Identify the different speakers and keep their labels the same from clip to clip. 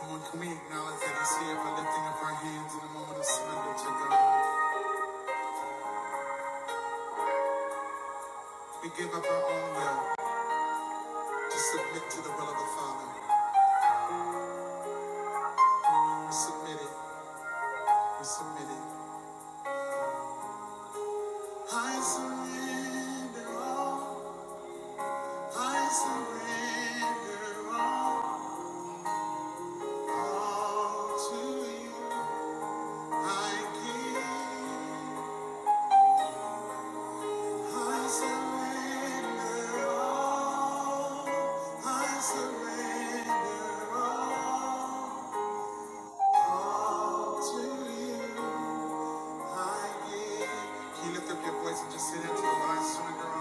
Speaker 1: Come on, can we acknowledge that He's here by lifting up our hands in a moment of surrender to God? We give up our own will to submit to the will of the Father. We submit it. We submit it. I surrender all. I surrender all. All to you. I give. I surrender all. I surrender all. I surrender all?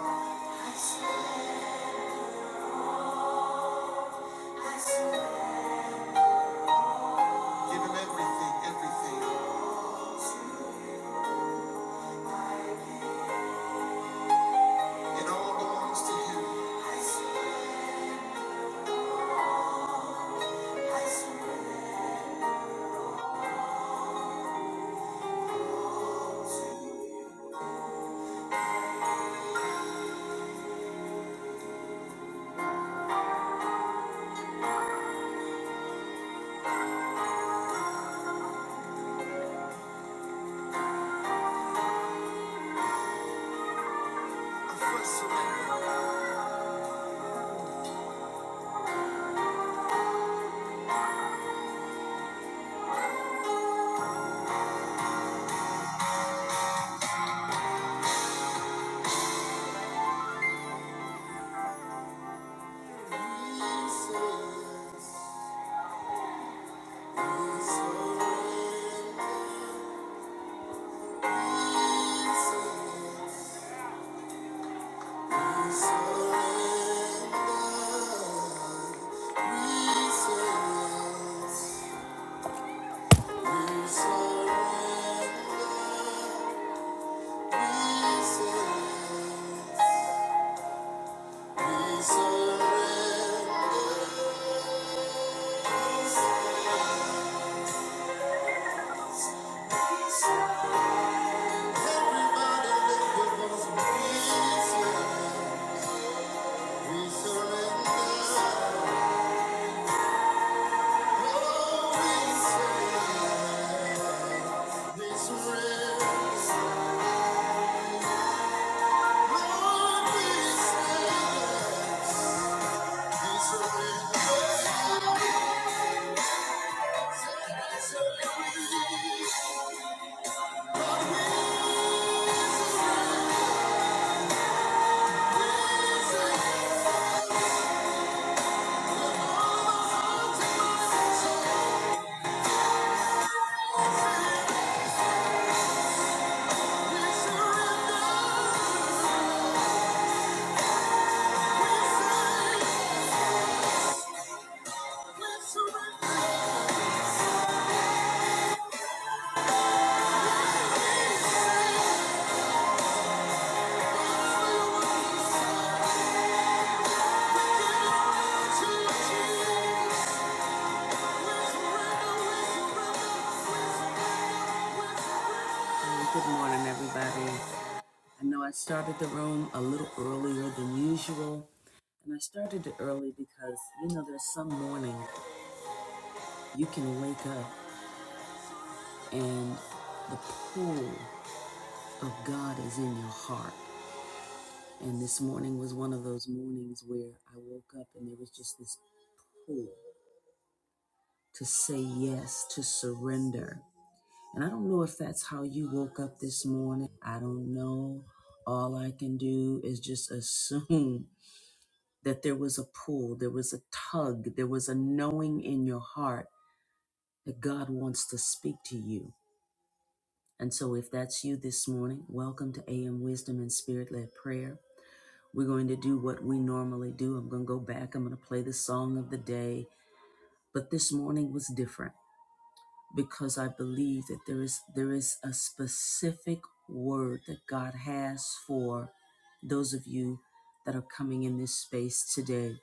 Speaker 1: we surrender. We you. Good morning, everybody. I know I started the room a little earlier than usual, And I started it early because, you know, there's some morning you can wake up and the pull of God is in your heart. And this morning was one of those mornings where I woke up and there was just this pull to say yes, to surrender. And I don't know if that's how you woke up this morning. I don't know. All I can do is just assume that there was a pull, there was a tug, there was a knowing in your heart that God wants to speak to you. And so, if that's you this morning, welcome to AM Wisdom and Spirit led prayer. We're going to do what we normally do. I'm going to go back, I'm going to play the song of the day. But this morning was different because I believe that there is there is a specific word that God has for those of you that are coming in this space today.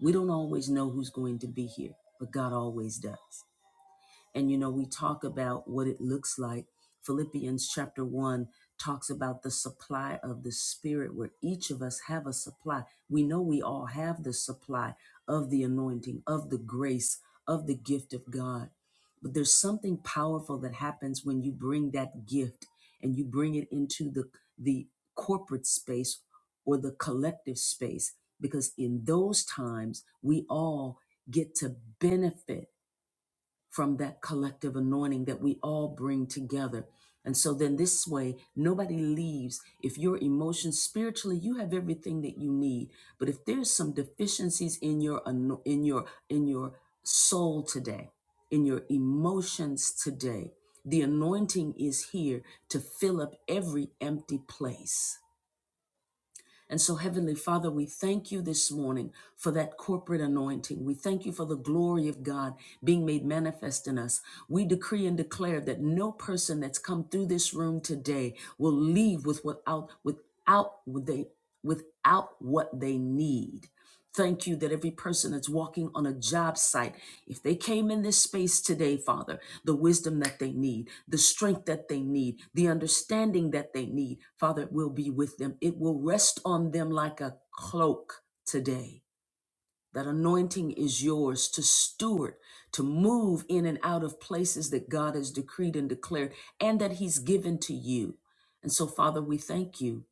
Speaker 1: We don't always know who's going to be here, but God always does. And you know, we talk about what it looks like. Philippians chapter 1 talks about the supply of the spirit where each of us have a supply. We know we all have the supply of the anointing, of the grace, of the gift of God. But there's something powerful that happens when you bring that gift and you bring it into the the corporate space or the collective space because in those times we all get to benefit from that collective anointing that we all bring together. And so then this way, nobody leaves. If your emotions spiritually, you have everything that you need. But if there's some deficiencies in your ano- in your in your soul today, in your emotions today, the anointing is here to fill up every empty place. And so, Heavenly Father, we thank you this morning for that corporate anointing. We thank you for the glory of God being made manifest in us. We decree and declare that no person that's come through this room today will leave with without without they without what they need. Thank you that every person that's walking on a job site, if they came in this space today, Father, the wisdom that they need, the strength that they need, the understanding that they need, Father, will be with them. It will rest on them like a cloak today. That anointing is yours to steward, to move in and out of places that God has decreed and declared and that He's given to you. And so, Father, we thank you.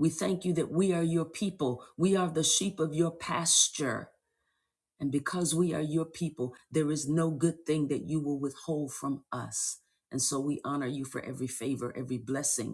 Speaker 1: We thank you that we are your people, we are the sheep of your pasture. And because we are your people, there is no good thing that you will withhold from us. And so we honor you for every favor, every blessing,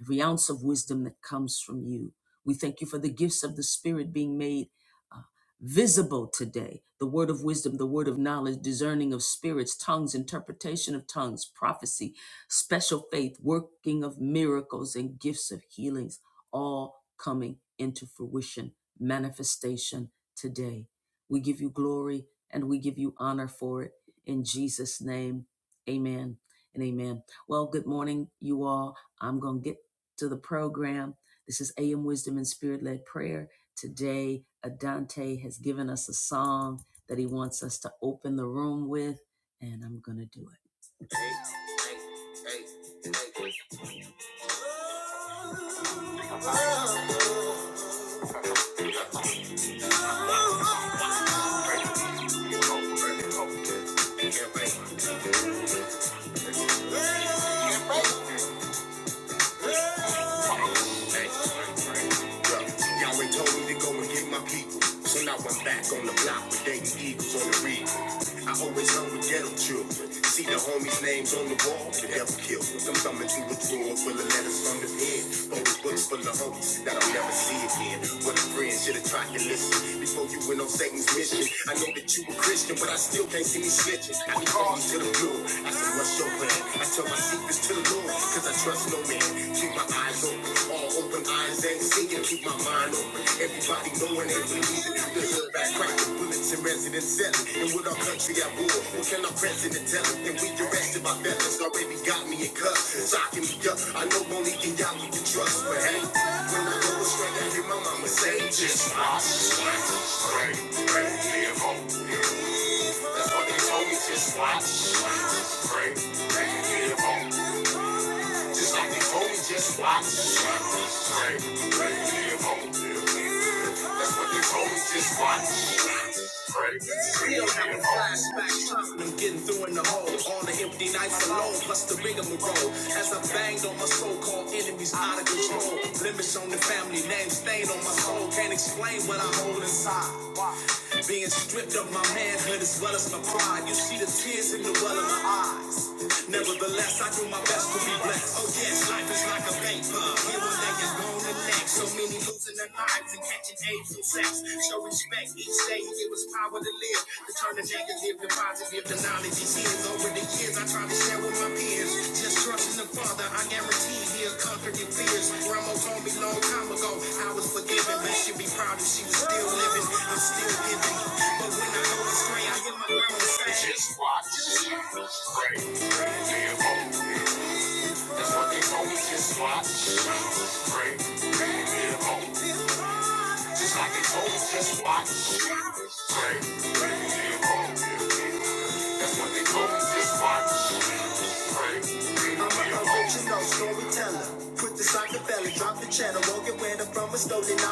Speaker 1: every ounce of wisdom that comes from you. We thank you for the gifts of the Spirit being made uh, visible today the word of wisdom, the word of knowledge, discerning of spirits, tongues, interpretation of tongues, prophecy, special faith, working of miracles, and gifts of healings, all coming into fruition, manifestation today. We give you glory and we give you honor for it. In Jesus' name, amen and amen. Well, good morning, you all. I'm going to get to the program. This is AM Wisdom and Spirit Led Prayer. Today, Adante has given us a song that he wants us to open the room with, and I'm going to do it. man. Yahweh told me to go and get my people. So now I'm back on the block with Dayton Eagles on the read. I always hung with ghetto children. See the homies' names on the wall, the devil killed them. I'm coming to a drawer full of letters from the pen. Old books full of homies that I'll never see again. What a friend should have tried to listen before you went on Satan's mission. I know that you a Christian, but I still can't see me snitching. I call you to the floor. I said, what's your plan? I tell my secrets to the Lord, cause I trust no man. Keep Eyes open, all open, eyes ain't seeing, keep my mind open. Everybody knowing that we need to keep the hood back, crack the bullets and residents selling. And with our country at war, what can our president tell us? And we directed by fellas already got me in cuffs, socking me up. I know only can y'all we can trust, but hey, when I go astray, I hear my mama say, just watch me. That's what they told me to pray. Just like they told me to pray. That's what they told me. Still having flashbacks, traveling, getting through in the hole. All the empty nights alone, plus the bigger roll. As I banged on my so-called enemies out of control. Limits on the family name, stain on my soul. Can't explain what I hold inside. Being stripped of my manhood as well as my pride. You see the tears in the well of my eyes. Nevertheless, I do my best to be blessed. Oh yes, life is like a vapor. Here one day is gone the next. So many losing their lives and catching AIDS and sex. Show respect. Each day give us power to live. To turn the negative to positive. The knowledge is his. Over the years, I try to share with my peers. Just trust in the Father. I guarantee he'll conquer your fears. Grandma told me long time ago I was forgiven. But she'd be proud if she was still living. I'm still giving. But when I go astray, I hear my grandma say. Just watch. Pray. Live on. That's what they told me. Just watch. Pray. Live on. Just like they told us, just watch. Pray, pray, be wrong. That's what they told us, just watch. Pray, pray, be wrong. I'm an original storyteller. Put the Rockefeller, drop the cheddar, won't get where from a stolen. i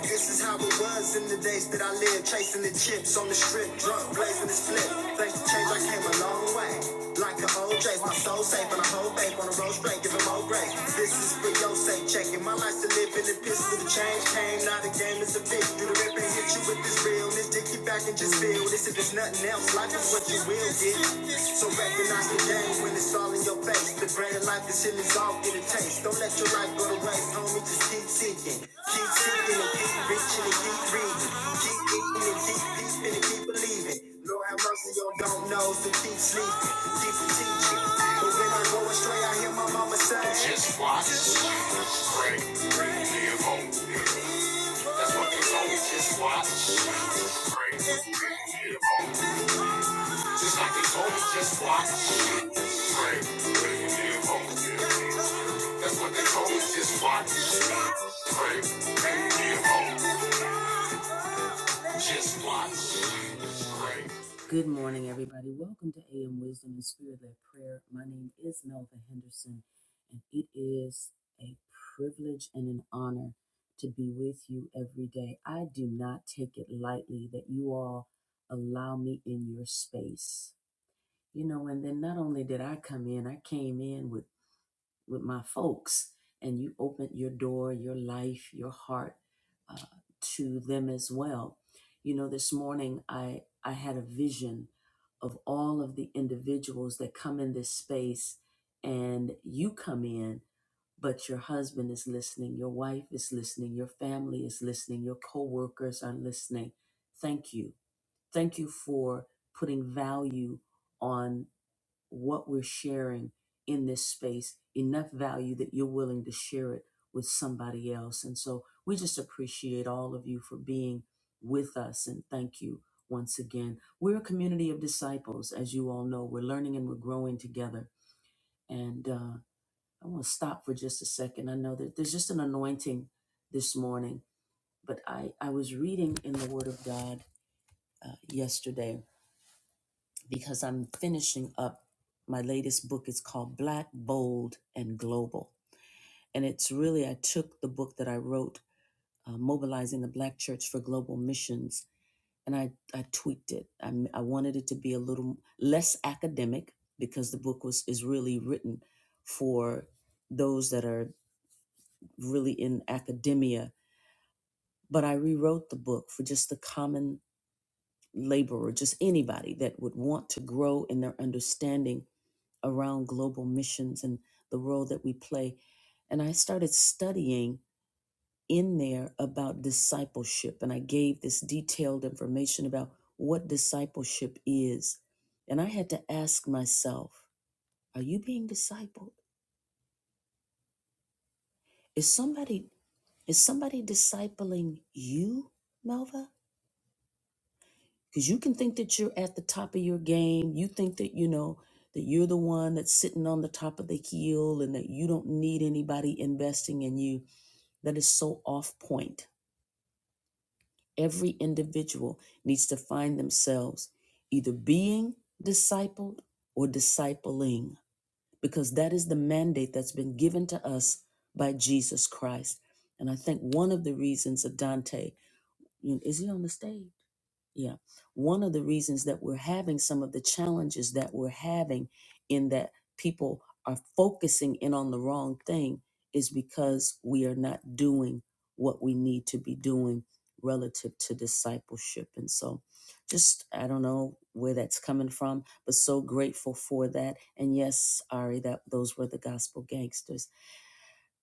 Speaker 1: This is how it was in the days that I lived, chasing the chips on the strip, drunk, blazing the split. Thanks to change, I came a long way. Like an old J's, my soul safe and a whole bank on a road straight, give 'em more grace. This is for your sake, checking my life to live in the piss with the change came. now not a game, it's a bitch. Do the rip and hit you with this realness. Take you back and just feel this. If it's nothing else, life is what you will get. So recognize the game when it's all in your face. The bread of life is here, all get a taste. Don't let your life go to waste, homie. Just keep seeking. Keep seeking and keep reaching and keep reading. Keep eating and keep peeping and keep believing. Lord have mercy on don't knows and keep sleeping. Keep teaching. But when I go astray, I hear my mama say, Just watch, just pray, live on. That's what they told me, just watch. Pray, live on. Just like they told me, just watch. Pray, live on. That's what they told me, just watch. Pray, live on. Just watch. Good morning, everybody. Welcome to AM Wisdom and Spirit Led Prayer. My name is Melva Henderson, and it is a privilege and an honor to be with you every day. I do not take it lightly that you all allow me in your space. You know, and then not only did I come in, I came in with with my folks and you open your door your life your heart uh, to them as well you know this morning i i had a vision of all of the individuals that come in this space and you come in but your husband is listening your wife is listening your family is listening your coworkers are listening thank you thank you for putting value on what we're sharing in this space enough value that you're willing to share it with somebody else. And so we just appreciate all of you for being with us and thank you once again. We're a community of disciples, as you all know. We're learning and we're growing together. And uh, I want to stop for just a second. I know that there's just an anointing this morning, but I, I was reading in the Word of God uh, yesterday because I'm finishing up my latest book. It's called Black, Bold, and Global. And it's really, I took the book that I wrote, uh, Mobilizing the Black Church for Global Missions, and I, I tweaked it. I, m- I wanted it to be a little less academic because the book was is really written for those that are really in academia. But I rewrote the book for just the common laborer, just anybody that would want to grow in their understanding around global missions and the role that we play. And I started studying in there about discipleship. And I gave this detailed information about what discipleship is. And I had to ask myself, are you being discipled? Is somebody is somebody discipling you, Melva? Because you can think that you're at the top of your game. You think that, you know, that you're the one that's sitting on the top of the hill and that you don't need anybody investing in you. That is so off point. Every individual needs to find themselves either being discipled or discipling, because that is the mandate that's been given to us by Jesus Christ. And I think one of the reasons that Dante you know, is he on the stage? Yeah. One of the reasons that we're having some of the challenges that we're having in that people are focusing in on the wrong thing is because we are not doing what we need to be doing relative to discipleship. And so just, I don't know where that's coming from, but so grateful for that. And yes, Ari, that those were the gospel gangsters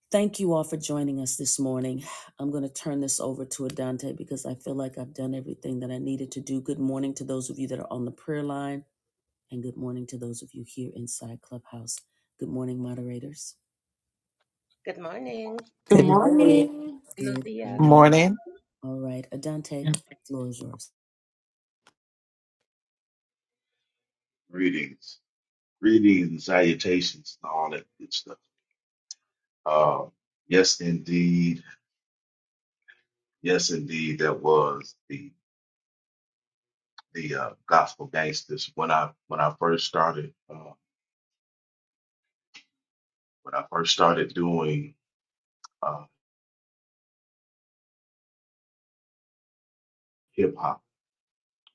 Speaker 1: Thank you all for joining us this morning. I'm going to turn this over to Adante because I feel like I've done everything that I needed to do. Good morning to those of you that are on the prayer line, and good morning to those of you here inside Clubhouse. Good morning, moderators.
Speaker 2: Good morning.
Speaker 3: Good
Speaker 4: Good morning.
Speaker 3: morning.
Speaker 2: Buenos
Speaker 1: Good
Speaker 2: días.
Speaker 1: morning.
Speaker 5: Morning.
Speaker 1: All right, Adante, the floor is yours.
Speaker 6: Greetings, greetings, salutations, and all that good stuff. Uh, yes, indeed, yes, indeed. That was the the uh, gospel gangsters. When I when I first started uh, when I first started doing uh, hip hop,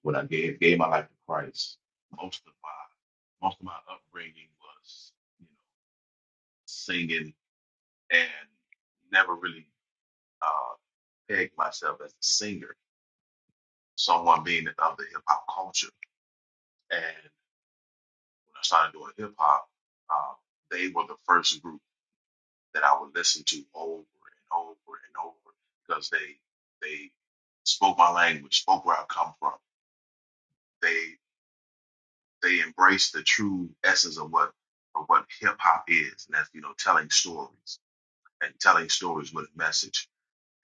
Speaker 6: when I gave gave my life to Christ, most of my most of my upbringing was you know singing and never really uh, pegged myself as a singer. Someone being of the hip hop culture and when I started doing hip hop, um, they were the first group that I would listen to over and over and over because they they spoke my language, spoke where I come from. They they embraced the true essence of what of what hip hop is, and that's you know telling stories and telling stories with a message.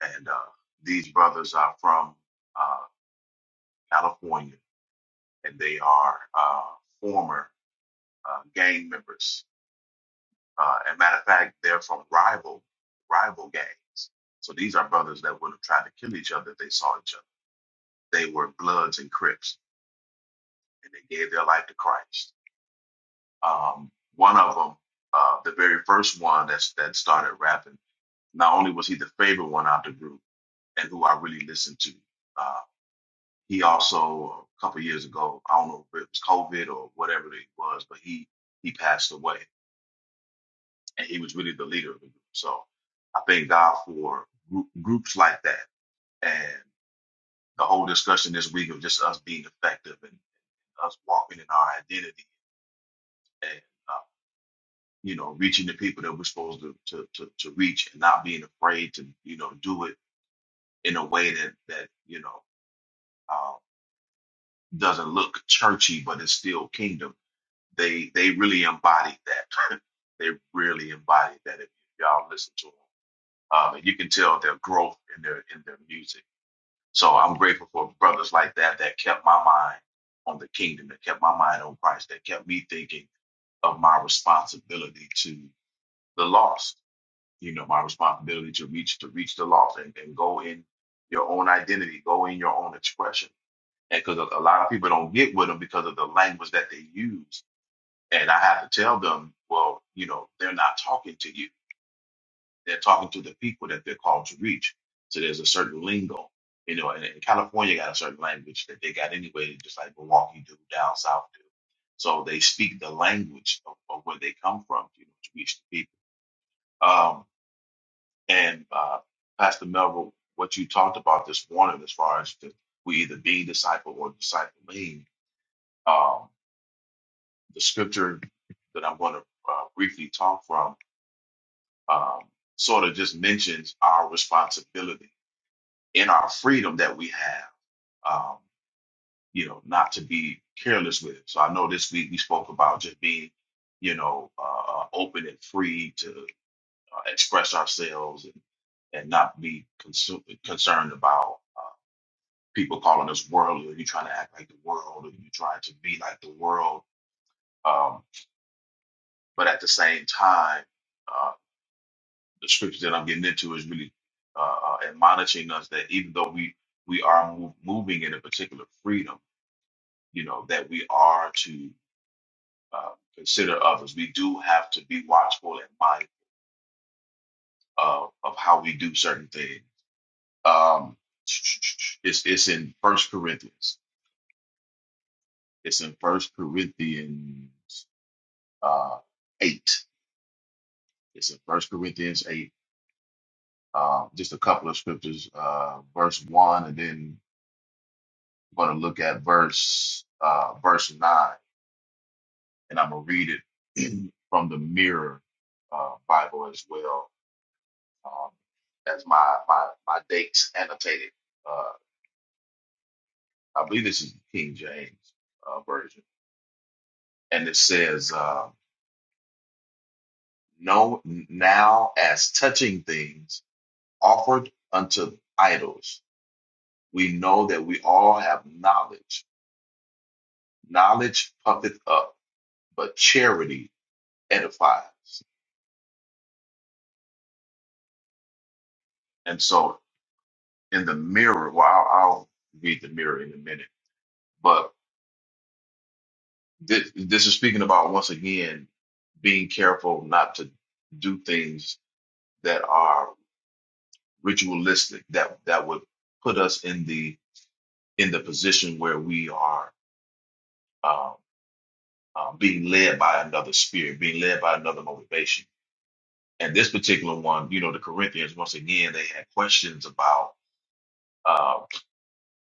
Speaker 6: And uh, these brothers are from uh, California, and they are uh, former uh, gang members Uh, and matter of fact, they're from rival rival gangs. So these are brothers that would have tried to kill each other if they saw each other. They were Bloods and Crips, and they gave their life to Christ. Um, one of them, uh, the very first one that's, that started rapping, not only was he the favorite one out the group and who I really listened to, uh, he also a couple years ago, I don't know if it was COVID or whatever it was, but he he passed away. and he was really the leader of the group. So I thank God for group, groups like that and the whole discussion this week of just us being effective and us walking in our identity and uh, you know reaching the people that we're supposed to, to to to reach and not being afraid to you know do it in a way that that you know uh, doesn't look churchy but it's still kingdom. They they really embodied that. they really embodied that. If y'all listen to them um, and you can tell their growth in their in their music So I'm grateful for brothers like that that kept my mind on the kingdom, that kept my mind on Christ, that kept me thinking of my responsibility to the lost. You know, my responsibility to reach to reach the lost and, and go in your own identity, go in your own expression. And because a a lot of people don't get with them because of the language that they use, and I have to tell them, well, you know, they're not talking to you they're talking to the people that they're called to reach. So there's a certain lingo, you know, and, and California got a certain language that they got anyway, just like Milwaukee do, down south do. So they speak the language of, of where they come from, you know, to reach the people. Um, and uh, Pastor Melville, what you talked about this morning, as far as the, we either be disciple or discipling, um, the scripture that I'm going to uh, briefly talk from um, sort of just mentions our responsibility in our freedom that we have, um, you know, not to be careless with it. So I know this week we spoke about just being, you know, uh, open and free to uh, express ourselves and, and not be consu- concerned about uh, people calling us worldly or you trying to act like the world or you trying to be like the world. Um, but at the same time, uh, the scripture that I'm getting into is really uh, uh, admonishing us that even though we we are mo- moving in a particular freedom you know, that we are to uh, consider others. We do have to be watchful and mindful of, of how we do certain things. Um, it's it's in First Corinthians. It's in First Corinthians uh, eight. It's in First Corinthians eight. Uh, just a couple of scriptures, uh, verse one, and then I'm going to look at verse uh, verse nine, and I'm gonna read it from the Mirror uh, Bible as well um, as my my my dates annotated. Uh, I believe this is the King James uh, version, and it says, uh, "No, now as touching things offered unto idols, we know that we all have knowledge. Knowledge puffeth up, but charity edifies." And so, in the mirror, well, I'll, I'll read the mirror in a minute, but This, this is speaking about once again being careful not to do things that are ritualistic that that would put us in the in the position where we are um, uh, being led by another spirit, being led by another motivation. And this particular one, you know, the Corinthians once again they had questions about. uh,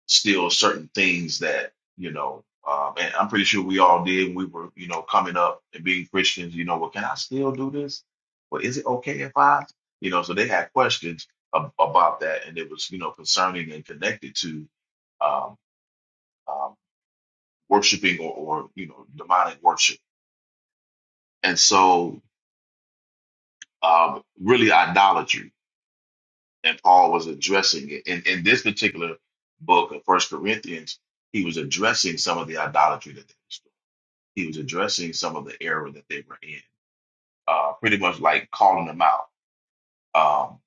Speaker 6: still certain things that you know um, and i'm pretty sure we all did when we were you know coming up and being christians you know well can i still do this well is it okay if i you know so they had questions ab- about that and it was you know concerning and connected to um, um, worshiping or, or you know demonic worship and so um, really idolatry and paul was addressing it in, in this particular book of first corinthians he was addressing some of the idolatry that they was he was addressing some of the error that they were in, uh, pretty much like calling them out. Um,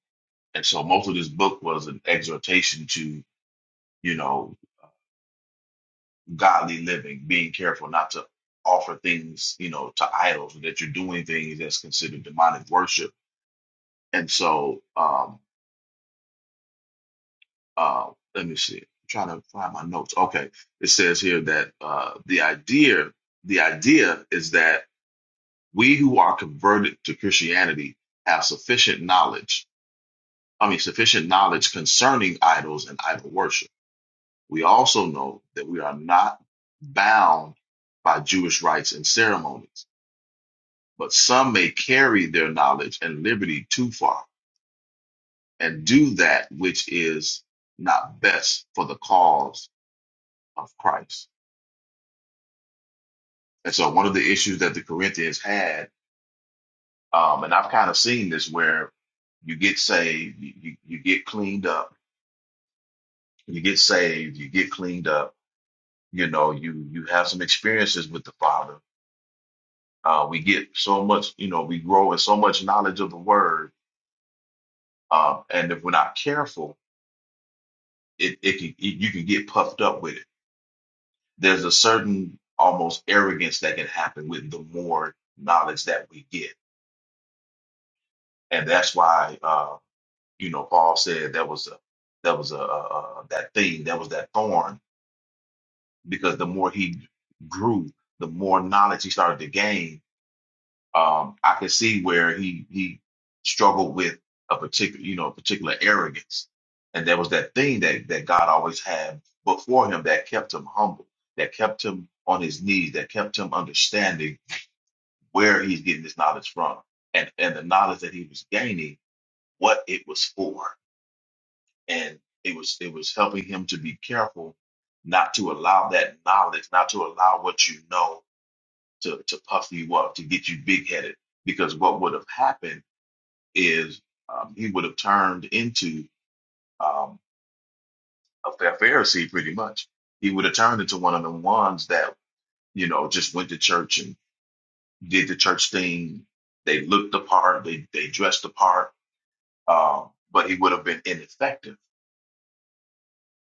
Speaker 6: and so most of this book was an exhortation to, you know, godly living, being careful not to offer things, you know, to idols, or that you're doing things that's considered demonic worship. And so, um, uh, let me see. I'm trying to find my notes. Okay, it says here that uh, the idea, the idea is that we who are converted to Christianity have sufficient knowledge I mean, sufficient knowledge concerning idols and idol worship. We also know that we are not bound by Jewish rites and ceremonies, but some may carry their knowledge and liberty too far and do that which is not best for the cause of Christ. And so, one of the issues that the Corinthians had, um, and I've kind of seen this where you get saved, you, you you get cleaned up, you get saved, you get cleaned up you know you you have some experiences with the father uh, we get so much you know we grow in so much knowledge of the word uh, and if we're not careful it, it can it, you can get puffed up with it there's a certain almost arrogance that can happen with the more knowledge that we get and that's why uh, you know paul said that was a that was a, a, a that thing that was that thorn because the more he grew the more knowledge he started to gain Um, I could see where he he struggled with a particular, you know, a particular arrogance, and there was that thing that that God always had before him that kept him humble, that kept him on his knees, that kept him understanding where he's getting this knowledge from, and and the knowledge that he was gaining, what it was for, and it was it was helping him to be careful not to allow that knowledge, not to allow what you know to to puff you up, to get you big headed. Because what would have happened is um, he would have turned into um, a Pha- Pharisee pretty much. He would have turned into one of the ones that, you know, just went to church and did the church thing. They looked the part, they, they dressed the part, uh, but he would have been ineffective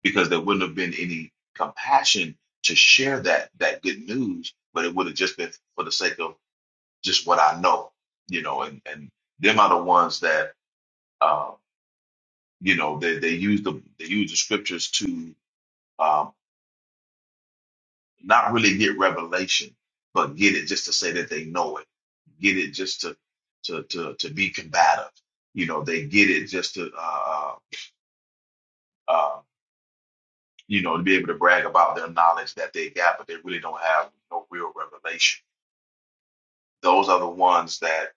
Speaker 6: because there wouldn't have been any compassion to share that that good news, but it would have just been for the sake of just what I know, you know, and, and them are the ones that, uh, you know, they, they use the they use the scriptures to um, not really get revelation, but get it just to say that they know it, get it just to to to to be combative. You know, they get it just to uh, uh, uh, you know to be able to brag about their knowledge that they got, but they really don't have no real revelation. Those are the ones that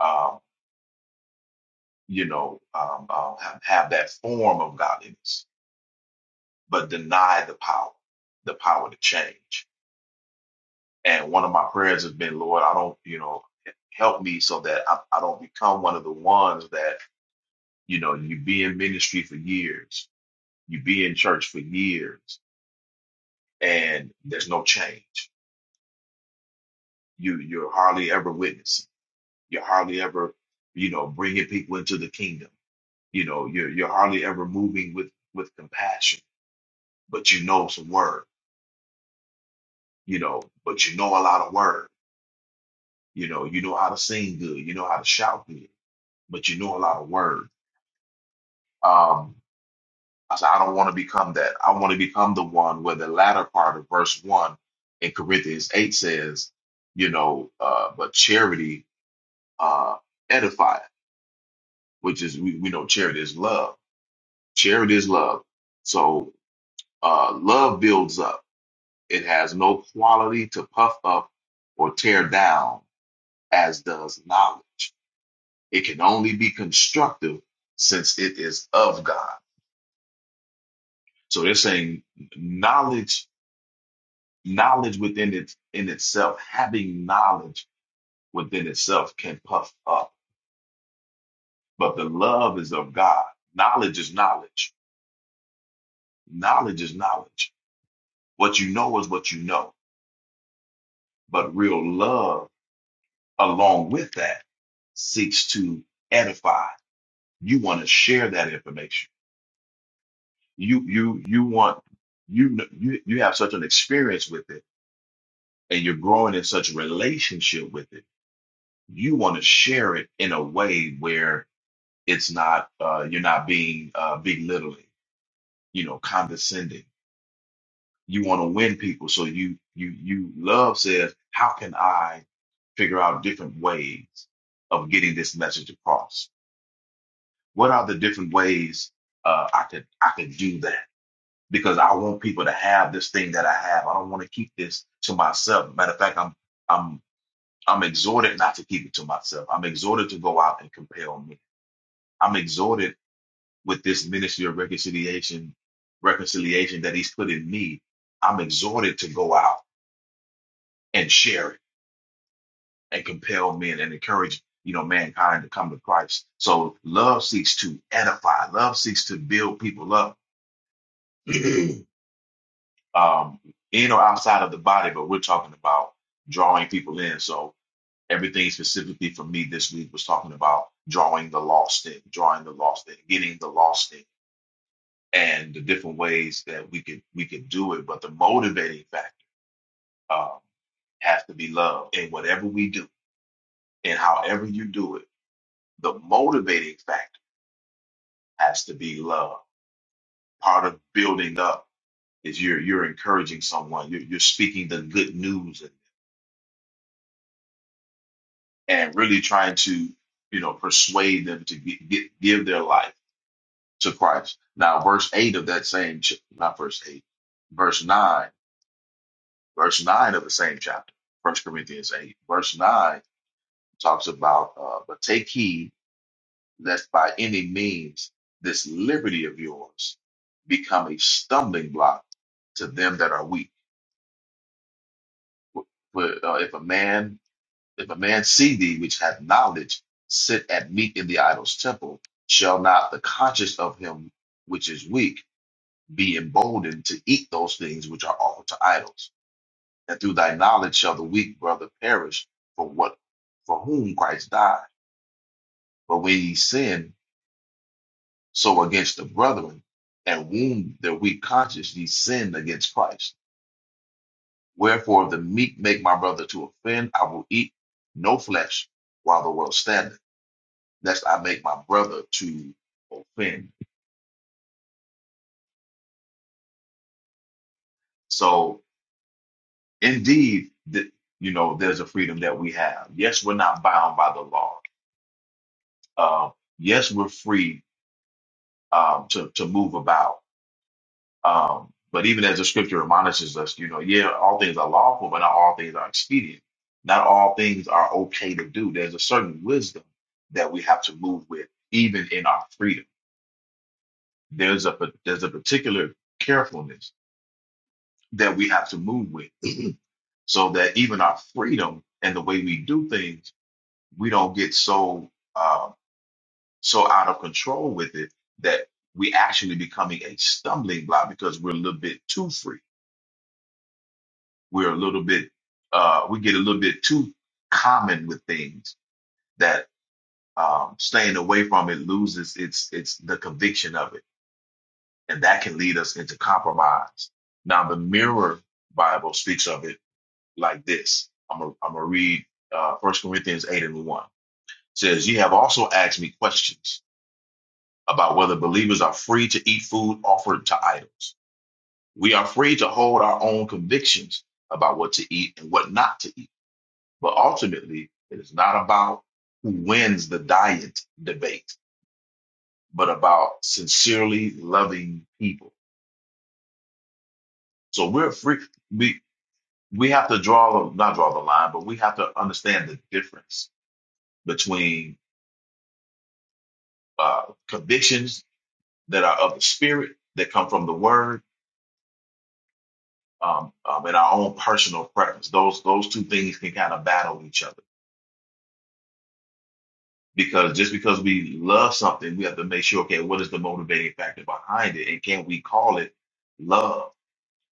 Speaker 6: um, you know um, uh, have, have that form of godliness, but deny the power, the power to change. And one of my prayers has been, Lord, I don't, you know, help me so that I, I don't become one of the ones that, you know, you be in ministry for years, you be in church for years, and there's no change. You you're hardly ever witnessing. You're hardly ever, you know, bringing people into the kingdom. You know, you're you're hardly ever moving with with compassion, but you know some word. You know, but you know a lot of word. You know, you know how to sing good. You know how to shout good, but you know a lot of word. Um, I said, I don't want to become that. I want to become the one where the latter part of verse one in Corinthians eight says, you know, uh, but charity uh edifieth, which is we, we know charity is love. Charity is love. So uh love builds up. It has no quality to puff up or tear down, as does knowledge. It can only be constructive since it is of God. So they're saying knowledge knowledge within it in itself, having knowledge within itself can puff up. But the love is of God. Knowledge is knowledge. Knowledge is knowledge. What you know is what you know. But real love, along with that, seeks to edify. You want to share that information. You you you want you kn- you you have such an experience with it, and you're growing in such relationship with it. You want to share it in a way where it's not uh, you're not being uh, belittling, you know, condescending. You want to win people, so you you you love says, how can I figure out different ways of getting this message across? What are the different ways uh, I could I could do that? Because I want people to have this thing that I have. I don't want to keep this to myself. Matter of fact, I'm I'm I'm exhorted not to keep it to myself. I'm exhorted to go out and compel me. I'm exhorted with this ministry of reconciliation, reconciliation that he's put in me, I'm exhorted to go out and share it and compel men and encourage, you know, mankind to come to Christ. So love seeks to edify, love seeks to build people up, um, in or outside of the body, but we're talking about drawing people in. So everything specifically for me this week was talking about drawing the lost in, drawing the lost in, getting the lost in and the different ways that we could we could do it. But the motivating factor um, has to be love. And whatever we do, and however you do it, the motivating factor has to be love. Part of building up is you're you're encouraging someone, you're, you're speaking the good news, and, and really trying to you know persuade them to get, get, give their life to Christ. Now, verse eight of that same ch- not verse eight, verse nine, verse nine of the same chapter, First Corinthians eight, verse nine talks about uh, but take heed lest by any means this liberty of yours become a stumbling block to them that are weak. But uh, if a man if a man see thee which hath knowledge sit at meat in the idol's temple, shall not the conscience of him which is weak be emboldened to eat those things which are offered to idols? And through thy knowledge shall the weak brother perish for what for whom Christ died. But when ye sin, So against the brethren and wound their weak conscience, ye sinned against Christ. Wherefore, if the meek make my brother to offend, I will eat no flesh while the world standeth, lest I make my brother to offend. So, indeed, th- you know, there's a freedom that we have. Yes, we're not bound by the law. Uh, yes, we're free um, to to move about. Um, but even as the scripture admonishes us, you know, yeah, all things are lawful, but not all things are expedient. Not all things are okay to do. There's a certain wisdom that we have to move with, even in our freedom. There's a there's a particular carefulness that we have to move with, so that even our freedom and the way we do things, we don't get so uh, so out of control with it that we actually becoming a stumbling block because we're a little bit too free we're a little bit uh, we get a little bit too common with things that um, staying away from it loses its its the conviction of it, and that can lead us into compromise. Now the Mirror Bible speaks of it like this. I'm gonna I'm gonna read uh, 1 Corinthians eight and one It says, "Ye have also asked me questions about whether believers are free to eat food offered to idols. We are free to hold our own convictions about what to eat and what not to eat." But ultimately, it is not about who wins the diet debate, but about sincerely loving people. So we're free. We we have to draw the not draw the line, but we have to understand the difference between uh, convictions that are of the spirit that come from the word um, um, and our own personal preference. Those those two things can kind of battle each other. Because just because we love something, we have to make sure, okay, what is the motivating factor behind it? And can we call it love?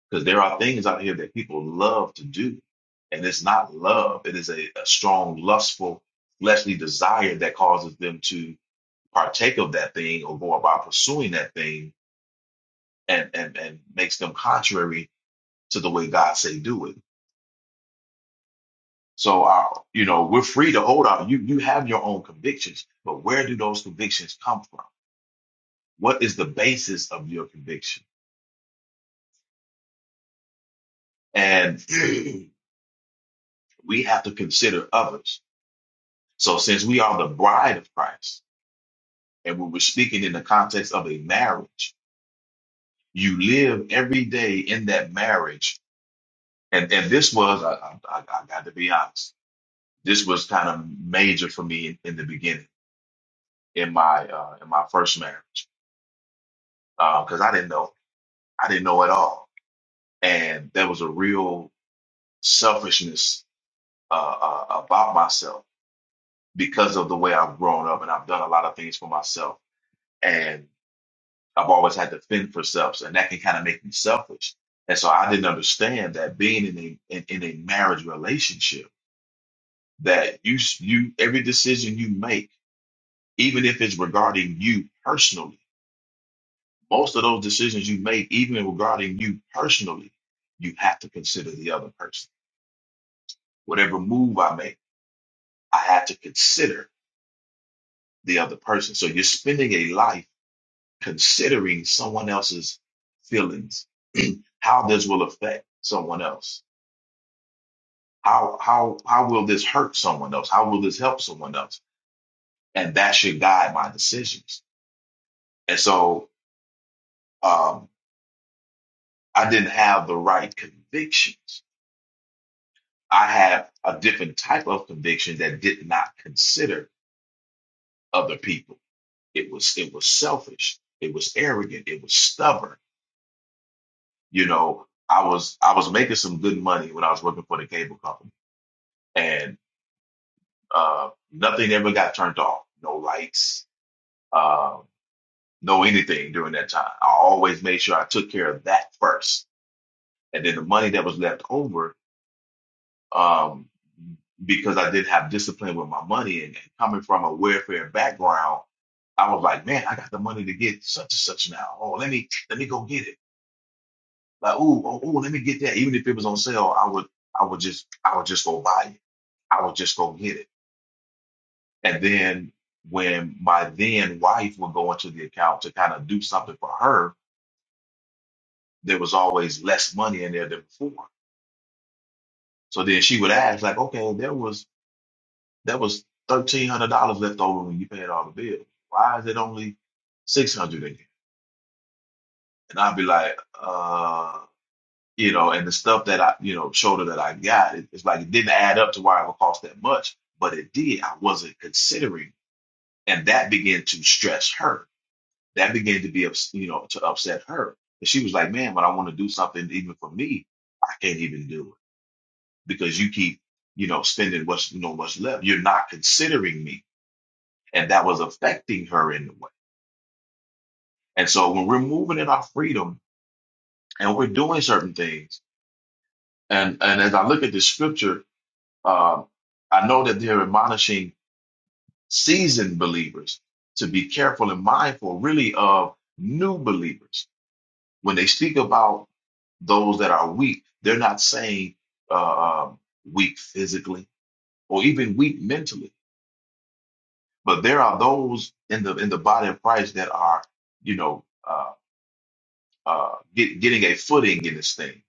Speaker 6: Because there are things out here that people love to do. And it's not love, it is a, a strong, lustful, fleshly desire that causes them to partake of that thing or go about pursuing that thing and, and, and makes them contrary to the way God say do it. So, uh, you know, we're free to hold out. You you have your own convictions, but where do those convictions come from? What is the basis of your conviction? And we have to consider others. So since we are the bride of Christ, and we are speaking in the context of a marriage, you live every day in that marriage. And and this was, I, I, I I got to be honest, this was kind of major for me in, in the beginning in my uh, in my first marriage because I didn't know I didn't know at all, and there was a real selfishness uh, uh, about myself because of the way I've grown up and I've done a lot of things for myself. And I've always had to fend for self, and that can kind of make me selfish. And so I didn't understand that being in a in, in a marriage relationship, that you s- you every decision you make, even if it's regarding you personally, most of those decisions you make, even regarding you personally, you have to consider the other person. Whatever move I make, I have to consider the other person. So you're spending a life considering someone else's feelings, how this will affect someone else. How how how will this hurt someone else? How will this help someone else? And that should guide my decisions. And so um, I didn't have the right convictions. I had a different type of conviction that did not consider other people. It was it was selfish. It was arrogant. It was stubborn. You know, I was I was making some good money when I was working for the cable company and Uh, nothing ever got turned off. No lights, um, no anything during that time. I always made sure I took care of that first, and then the money that was left over, um, because I didn't have discipline with my money, and, and coming from a welfare background, I was like, man, I got the money to get such and such now. Oh, let me let me go get it. Like, ooh, oh, ooh, let me get that. Even if it was on sale, I would I would just I would just go buy it. I would just go get it. And then when my then wife would go into the account to kind of do something for her, there was always less money in there than before. So then she would ask, like, okay, there was there was thirteen hundred dollars left over when you paid all the bills. Why is it only six hundred again? And I'd be like, uh, you know, and the stuff that I, you know, showed her that I got, it, it's like it didn't add up to why it would cost that much, but it did. I wasn't considering, and that began to stress her That began to be, ups- you know, to upset her. And she was like, man, when I want to do something even for me, I can't even do it because you keep, you know, spending what's, you know, what's left. You're not considering me. And that was affecting her in a way. And so when we're moving in our freedom and we're doing certain things, and, and as I look at this scripture, uh, I know that they're admonishing seasoned believers to be careful and mindful, really, of new believers when they speak about those that are weak, they're not saying uh, um, weak physically or even weak mentally, but there are those in the in the body of Christ that are, you know, uh, uh, get, getting a footing in this thing.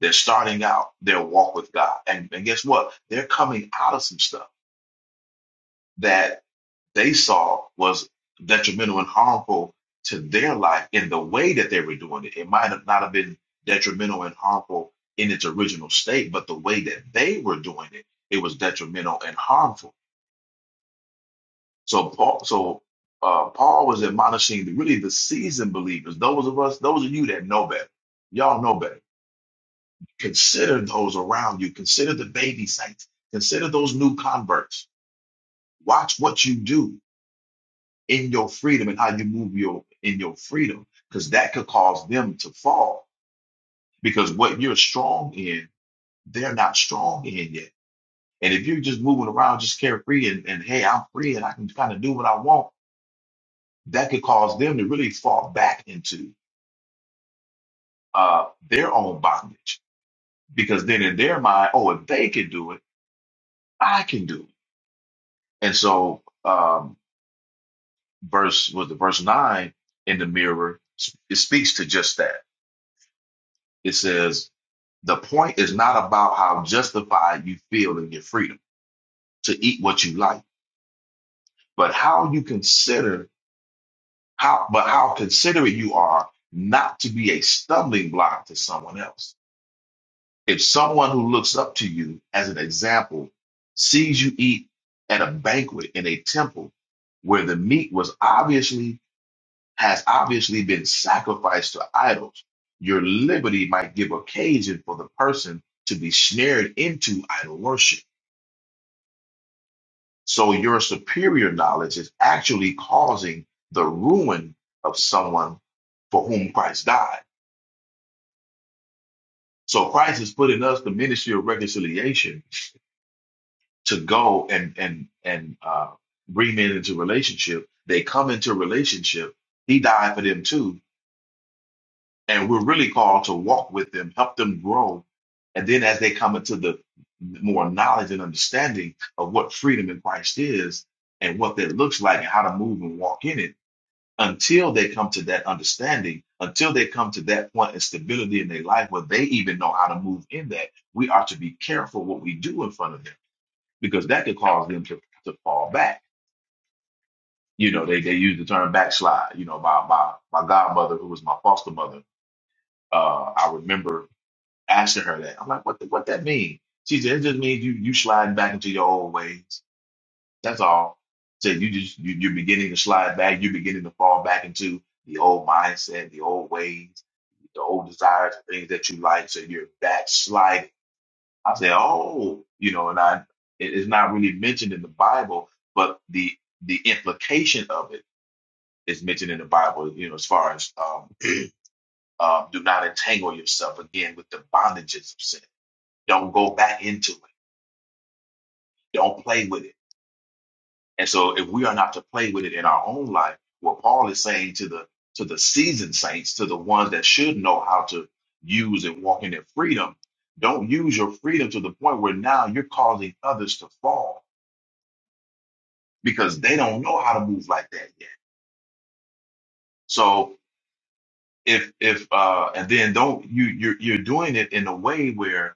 Speaker 6: They're starting out their walk with God, and and guess what? They're coming out of some stuff that. they saw was detrimental and harmful to their life in the way that they were doing it. It might have not have been detrimental and harmful in its original state, but the way that they were doing it, it was detrimental and harmful. So Paul, so uh, Paul was admonishing the, really the seasoned believers, those of us, those of you that know better, y'all know better. Consider those around you. Consider the baby saints. Consider those new converts. Watch what you do in your freedom and how you move your in your freedom because that could cause them to fall because what you're strong in they're not strong in yet and if you're just moving around just carefree and, and hey i'm free and i can kind of do what i want that could cause them to really fall back into uh, their own bondage because then in their mind oh if they can do it i can do it and so um, verse was the verse 9 in the mirror it speaks to just that it says The point is not about how justified you feel in your freedom to eat what you like, but how you consider how but how considerate you are not to be a stumbling block to someone else. If someone who looks up to you as an example sees you eat at a banquet in a temple where the meat was obviously has obviously been sacrificed to idols, your liberty might give occasion for the person to be snared into idol worship So your superior knowledge is actually causing the ruin of someone for whom Christ died. So Christ has put in us the ministry of reconciliation to go and and and uh, bring men into relationship. They come into relationship. He died for them too, and we're really called to walk with them, help them grow, and then as they come into the more knowledge and understanding of what freedom in Christ is and what that looks like and how to move and walk in it until they come to that understanding, until they come to that point of stability in their life where they even know how to move in that, we are to be careful what we do in front of them because that could cause them to, to fall back. You know, they, they use the term backslide. You know, my, my, my godmother, who was my foster mother, uh, I remember asking her that. I'm like, what, the, what that mean? She said, it just means you, you sliding back into your old ways. That's all. Said you just, you, you're beginning to slide back. You're beginning to fall back into the old mindset, the old ways the old desires, things that you like, so you're backslide. I say, oh, you know, and I it is not really mentioned in the Bible, but the the implication of it is mentioned in the Bible, you know, as far as um, um, do not entangle yourself again with the bondages of sin. Don't go back into it. Don't play with it And so if we are not to play with it in our own life, what Paul is saying to the to the seasoned saints, to the ones that should know how to use and walk in their freedom, don't use your freedom to the point where now you're causing others to fall because they don't know how to move like that yet. So if if uh and then don't you you're you're doing it in a way where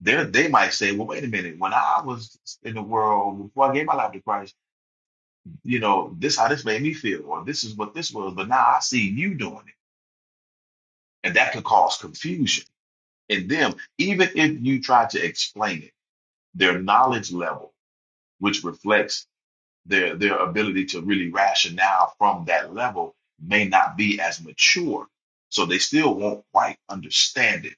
Speaker 6: they they might say, well, wait a minute, when I was in the world before I gave my life to Christ, you know, this how this made me feel, or this is what this was, but now I see you doing it. And that could cause confusion in them, even if you try to explain it, their knowledge level, which reflects their, their ability to really rationale from that level, may not be as mature. So they still won't quite understand it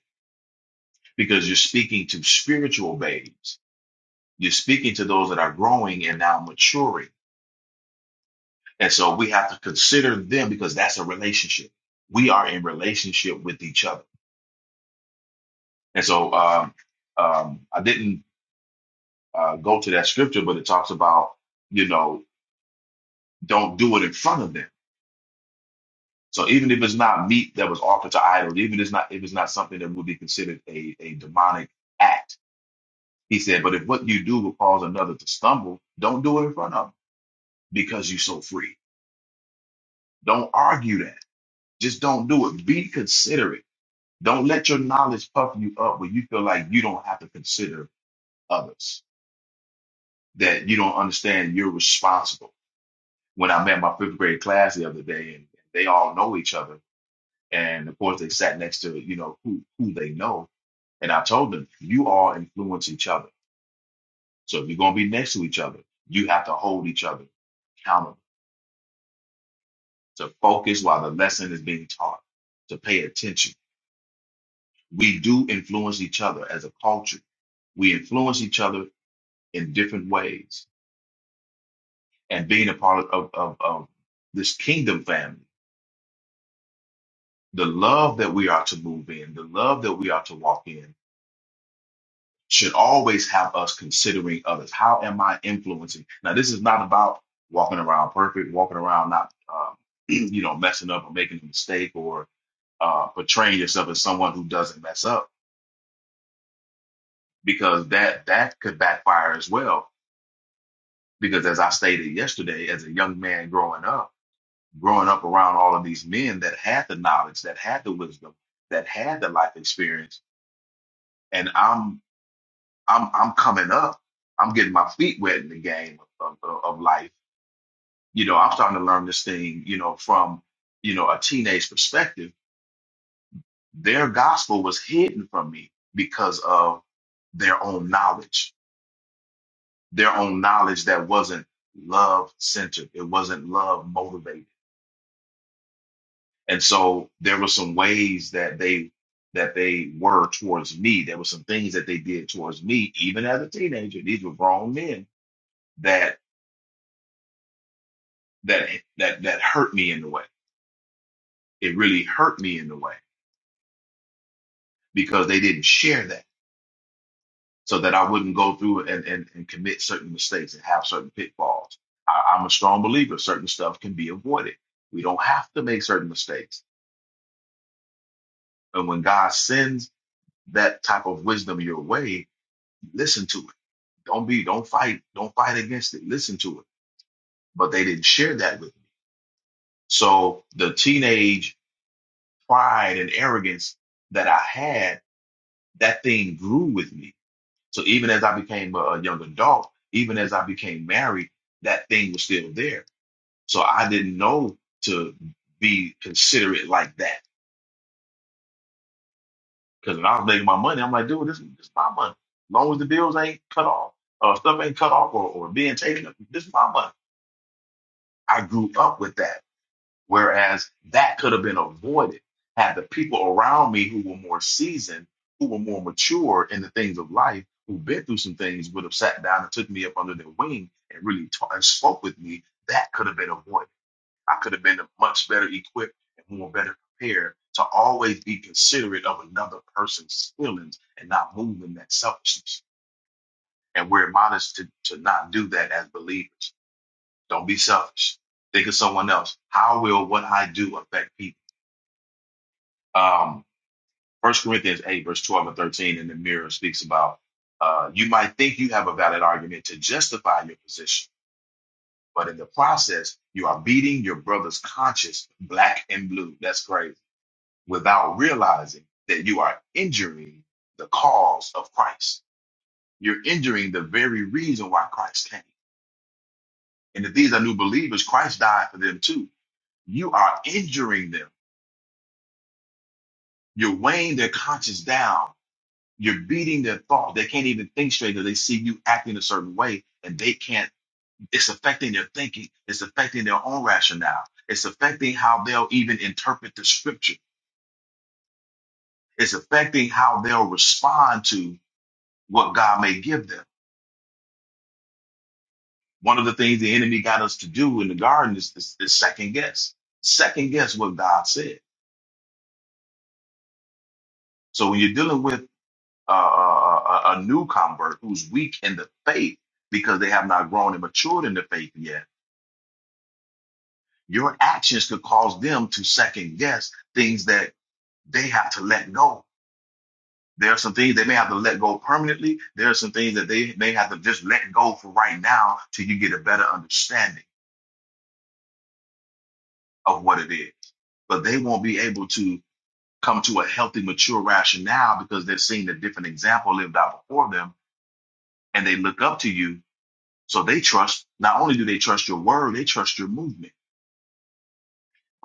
Speaker 6: because you're speaking to spiritual babies. You're speaking to those that are growing and now maturing. And so we have to consider them because that's a relationship. We are in relationship with each other. And so um, um, I didn't uh, go to that scripture, but it talks about, you know, don't do it in front of them. So even if it's not meat that was offered to idols, even if it's not if it's not something that would be considered a, a demonic act, he said, but if what you do will cause another to stumble, don't do it in front of them because you're so free. Don't argue that. Just don't do it. Be considerate. Don't let your knowledge puff you up where you feel like you don't have to consider others, that you don't understand you're responsible when I met my fifth grade class the other day, and they all know each other. And of course, they sat next to you know who who they know. And I told them, you all influence each other. So if you're gonna be next to each other, you have to hold each other accountable, to focus while the lesson is being taught, to pay attention. We do influence each other as a culture. We influence each other in different ways. And being a part of, of, of this kingdom family, the love that we are to move in, the love that we are to walk in, should always have us considering others. How am I influencing? Now, this is not about walking around perfect, walking around not, um, you know, messing up or making a mistake or uh, portraying yourself as someone who doesn't mess up, because that that could backfire as well. Because as I stated yesterday, as a young man growing up, growing up around all of these men that had the knowledge, that had the wisdom, that had the life experience, and I'm I'm I'm coming up, I'm getting my feet wet in the game of, of, of life You know, I'm starting to learn this thing, you know, from, you know, a teenage perspective. Their gospel was hidden from me because of their own knowledge, their own knowledge that wasn't love centered. It wasn't love motivated. And so there were some ways that they that they were towards me. There were some things that they did towards me, even as a teenager. These were grown men that that that that hurt me in the way. It really hurt me in the way because they didn't share that so that I wouldn't go through and, and, and commit certain mistakes and have certain pitfalls. I, I'm a strong believer certain stuff can be avoided. We don't have to make certain mistakes. And when God sends that type of wisdom your way, listen to it. Don't be, don't fight, don't fight against it. Listen to it. But they didn't share that with me. So the teenage pride and arrogance that I had, that thing grew with me. So even as I became a a young adult, even as I became married, that thing was still there So I didn't know to be considerate like that. Because when I was making my money, I'm like, dude, this, this is my money. As long as the bills ain't cut off, or stuff ain't cut off, or, or being taken, up, this is my money. I grew up with that. Whereas that could have been avoided had the people around me who were more seasoned, who were more mature in the things of life, who've been through some things, would have sat down and took me up under their wing and really ta- and spoke with me. That could have been avoided. I could have been much better equipped and more better prepared to always be considerate of another person's feelings and not move in that selfishness. And we're admonished to, to not do that as believers. Don't be selfish. Think of someone else. How will what I do affect people? Um, 1 Corinthians 8, verse 12 and 13 in the mirror speaks about uh, you might think you have a valid argument to justify your position, but in the process, you are beating your brother's conscience black and blue. That's crazy without realizing that you are injuring the cause of Christ. You're injuring the very reason why Christ came. And if these are new believers, Christ died for them too. You are injuring them. You're weighing their conscience down. You're beating their thought. They can't even think straight because they see you acting a certain way and they can't. It's affecting their thinking. It's affecting their own rationale. It's affecting how they'll even interpret the scripture. It's affecting how they'll respond to what God may give them One of the things the enemy got us to do in the garden is, is, is second guess, second guess what God said. So when you're dealing with uh, a, a, a new convert who's weak in the faith because they have not grown and matured in the faith yet, your actions could cause them to second guess things that they have to let go. There are some things they may have to let go permanently. There are some things that they may have to just let go for right now till you get a better understanding of what it is. But they won't be able to come to a healthy, mature rationale because they're seeing a different example lived out before them and they look up to you. So they trust, not only do they trust your word, they trust your movement.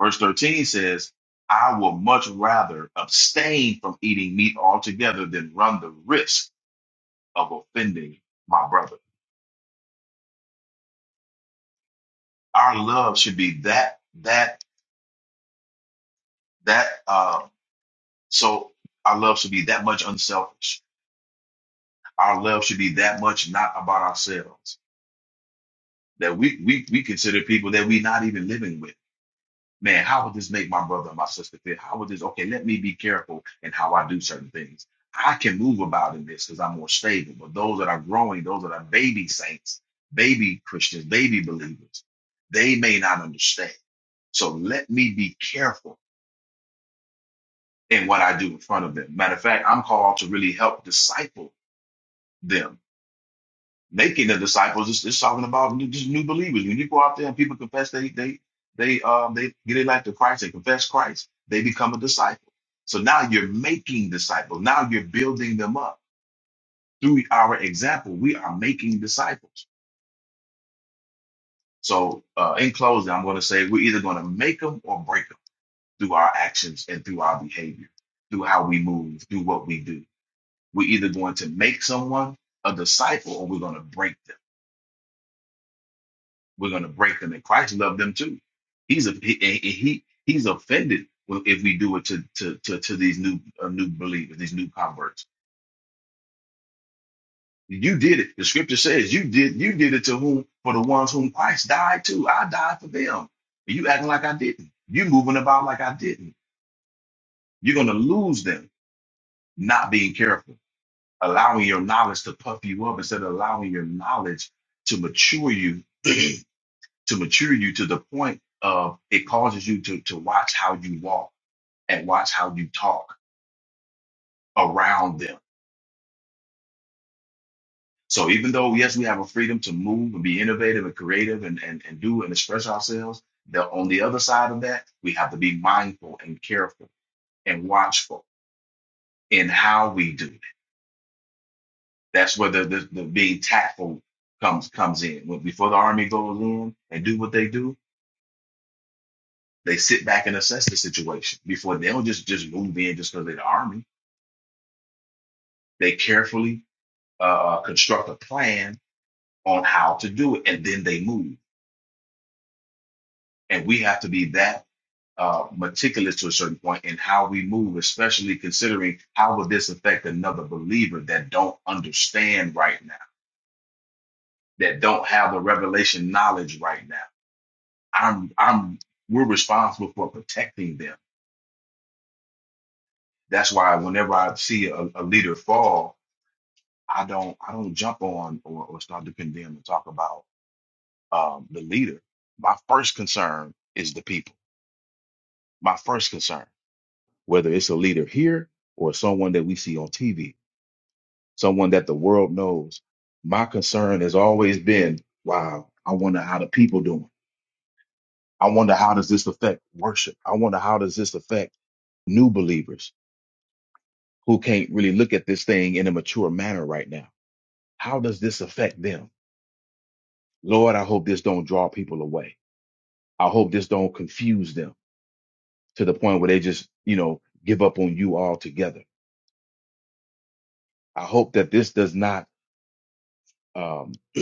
Speaker 6: Verse 13 says, I will much rather abstain from eating meat altogether than run the risk of offending my brother. Our love should be that, that, that, uh, so our love should be that much unselfish. Our love should be that much not about ourselves that we we we consider people that we not even living with. Man, how would this make my brother and my sister feel? How would this? Okay, let me be careful in how I do certain things. I can move about in this because I'm more stable. But those that are growing, those that are baby saints, baby Christians, baby believers, they may not understand. So let me be careful in what I do in front of them. Matter of fact, I'm called to really help disciple them making the disciples is, is talking about new, just new believers. When you go out there and people confess they they they um they get their life to Christ and confess Christ, they become a disciple. So now you're making disciples. Now you're building them up through our example. We are making disciples. So uh, in closing, I'm going to say we're either going to make them or break them through our actions and through our behavior, through how we move, through what we do. We're either going to make someone a disciple or we're going to break them. We're going to break them. And Christ loved them too. He's a, he, he he- he's offended when- if we do it to to to, to these new uh, new believers, these new converts. You did it. The scripture says you did you did it to whom for the ones whom Christ died to. I died for them. And you acting like I didn't. You moving about like I didn't. You're going to lose them not being careful, allowing your knowledge to puff you up instead of allowing your knowledge to mature you to mature you to the point of it causes you to, to watch how you walk and watch how you talk around them. So even though, yes, we have a freedom to move and be innovative and creative and, and, and do and express ourselves, the, on the other side of that, we have to be mindful and careful and watchful in how we do it. That's where the, the, the being tactful comes comes in. When, before the army goes in and do what they do, they sit back and assess the situation before they don't just, just move in just because they're the army They carefully uh, construct a plan on how to do it, and then they move. And we have to be that uh, meticulous to a certain point in how we move, especially considering how would this affect another believer that don't understand right now, that don't have the revelation knowledge right now. I'm, I'm, we're responsible for protecting them. That's why whenever I see a, a leader fall, I don't, I don't jump on or, or start to condemn and talk about um, the leader, my first concern is the people. My first concern, whether it's a leader here or someone that we see on TV, someone that the world knows, my concern has always been, wow, I wonder how the people doing. I wonder how does this affect worship? I wonder how does this affect new believers who can't really look at this thing in a mature manner right now? How does this affect them? Lord, I hope this don't draw people away. I hope this don't confuse them. to the point where they just, you know, give up on you altogether. I hope that this does not um,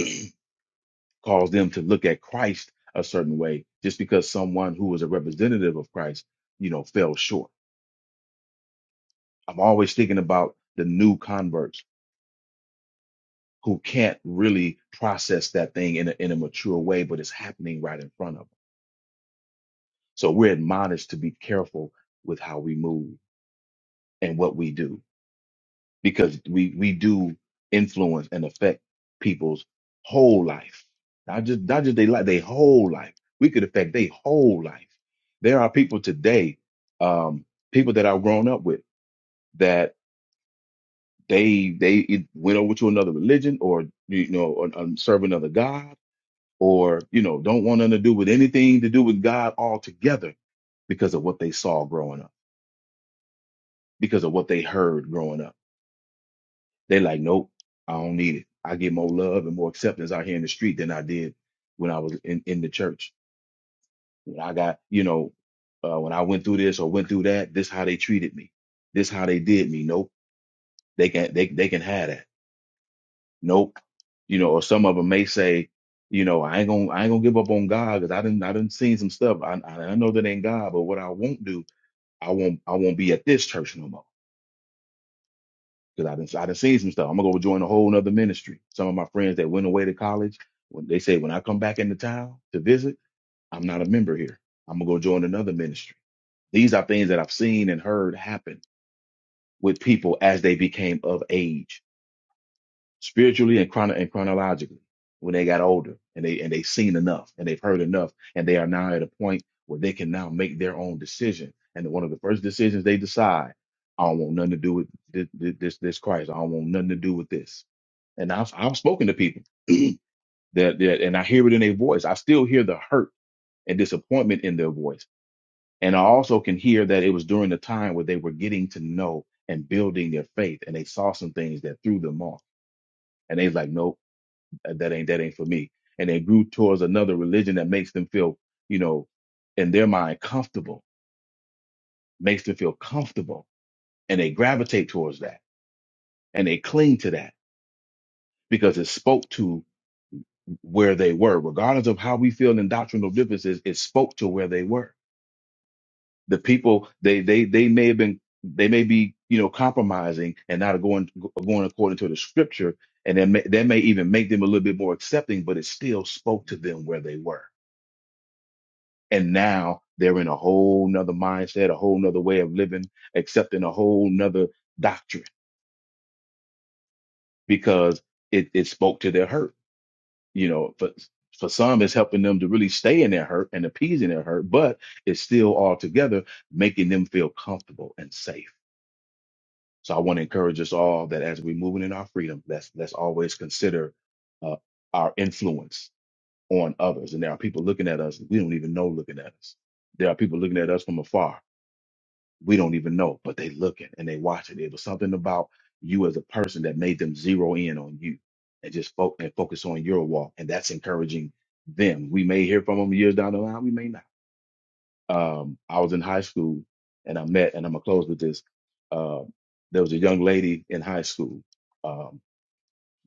Speaker 6: cause them to look at Christ a certain way just because someone who was a representative of Christ, you know, fell short. I'm always thinking about the new converts who can't really process that thing in a, in a mature way, but it's happening right in front of them. So we're admonished to be careful with how we move and what we do because we we do influence and affect people's whole life not just not just they life they whole life we could affect their whole life there are people today um people that i've grown up with that they they e- went over to another religion or you know or, um, serve another god or you know don't want nothing to do with anything to do with god altogether because of what they saw growing up because of what they heard growing up They like, nope, I don't need it. I get more love and more acceptance out here in the street than I did when I was in, in the church. When I got, you know, uh, when I went through this or went through that, this how they treated me. This how they did me. Nope. They can they they can have that. Nope. You know, or some of them may say, you know, I ain't gonna I ain't gonna give up on God because I didn't I didn't seen some stuff. I I I know that ain't God, but what I won't do, I won't I won't be at this church no more. because I didn't I done seen some stuff. I'm gonna go join a whole nother ministry. Some of my friends that went away to college, when they say when I come back into town to visit, I'm not a member here. I'm gonna go join another ministry. These are things that I've seen and heard happen with people as they became of age, spiritually and chrono and chronologically, when they got older and they and they seen enough and they've heard enough and they are now at a point where they can now make their own decision. And one of the first decisions they decide, I don't want nothing to do with this this, this Christ. I don't want nothing to do with this and I've I've spoken to people that, that and I hear it in their voice. I still hear the hurt and disappointment in their voice. And I also can hear that it was during the time where they were getting to know and building their faith and they saw some things that threw them off. And they was like, no, that ain't that ain't for me. And they grew towards another religion that makes them feel, you know, in their mind comfortable, makes them feel comfortable. And they gravitate towards that and they cling to that because it spoke to where they were, regardless of how we feel in doctrinal differences, it spoke to where they were. The people they they they may have been they may be you know compromising and not going going according to the scripture, and then may, that may even make them a little bit more accepting, but it still spoke to them where they were, and now they're in a whole nother mindset, a whole nother way of living, accepting a whole nother doctrine because it it spoke to their hurt you know, for for some, it's helping them to really stay in their hurt and appeasing their hurt, but it's still all together making them feel comfortable and safe. So I want to encourage us all that as we're moving in our freedom, let's let's always consider uh, our influence on others. And there are people looking at us we don't even know looking at us. There are people looking at us from afar we don't even know, but they look it and they watch it. It was something about you as a person that made them zero in on you and just fo- and focus on your walk. And that's encouraging them. We may hear from them years down the line, we may not. Um, I was in high school and I met, and I'm gonna close with this. Uh, there was a young lady in high school. Um,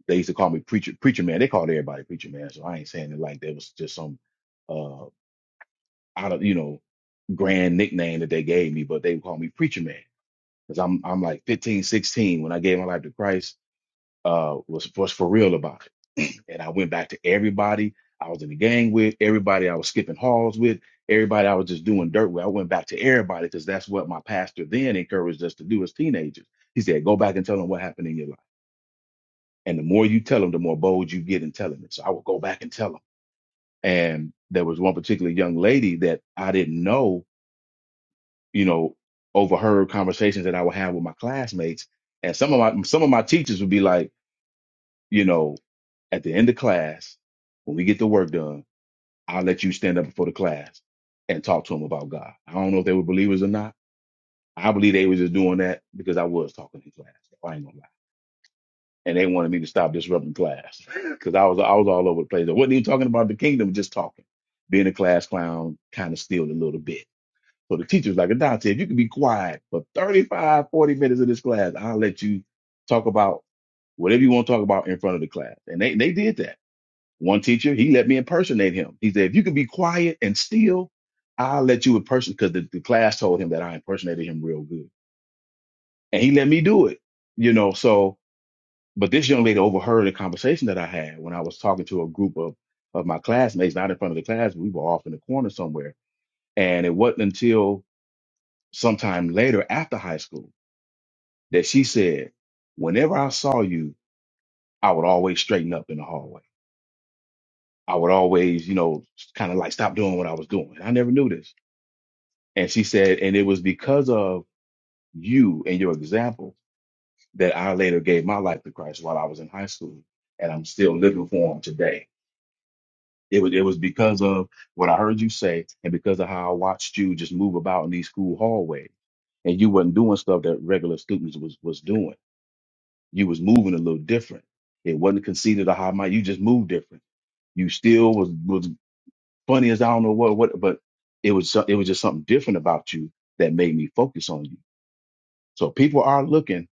Speaker 6: they used to call me preacher, preacher man. They called everybody preacher man, so I ain't saying it like that was just some uh out of you know grand nickname that they gave me, but they would call me preacher man because I'm I'm like 15, 16 when I gave my life to Christ. Uh, was was for real about it, and I went back to everybody I was in the gang with, everybody I was skipping halls with, everybody I was just doing dirt with. I went back to everybody because that's what my pastor then encouraged us to do as teenagers. He said, "Go back and tell them what happened in your life." And the more you tell them, the more bold you get in telling it. So I would go back and tell them. And there was one particular young lady that I didn't know you know, overheard conversations that I would have with my classmates. And some of my some of my teachers would be like, you know, at the end of class, when we get the work done, I'll let you stand up before the class and talk to them about God. I don't know if they were believers or not. I believe they were just doing that because I was talking in class. I ain't gonna lie. And they wanted me to stop disrupting class because I was I was all over the place. I wasn't even talking about the kingdom, just talking, being a class clown, kind of still a little bit. So the teacher was like, Don said, if you can be quiet for 35, 40 minutes of this class, I'll let you talk about whatever you want to talk about in front of the class. And they, they did that. One teacher, he let me impersonate him. He said, if you can be quiet and still, I'll let you impersonate, because the, the class told him that I impersonated him real good. And he let me do it, you know, so, but this young lady overheard a conversation that I had when I was talking to a group of, of my classmates, not in front of the class, we were off in the corner somewhere. And it wasn't until sometime later after high school that she said, whenever I saw you, I would always straighten up in the hallway. I would always, you know, kind of like stop doing what I was doing. I never knew this. And she said, and it was because of you and your example that I later gave my life to Christ while I was in high school. And I'm still living for him today. It was, it was because of what I heard you say and because of how I watched you just move about in these school hallways and you wasn't doing stuff that regular students was was doing You was moving a little different. It wasn't conceited or high mind. You just moved different. You still was was funny as I don't know what what, but it was so- it was just something different about you that made me focus on you. So people are looking,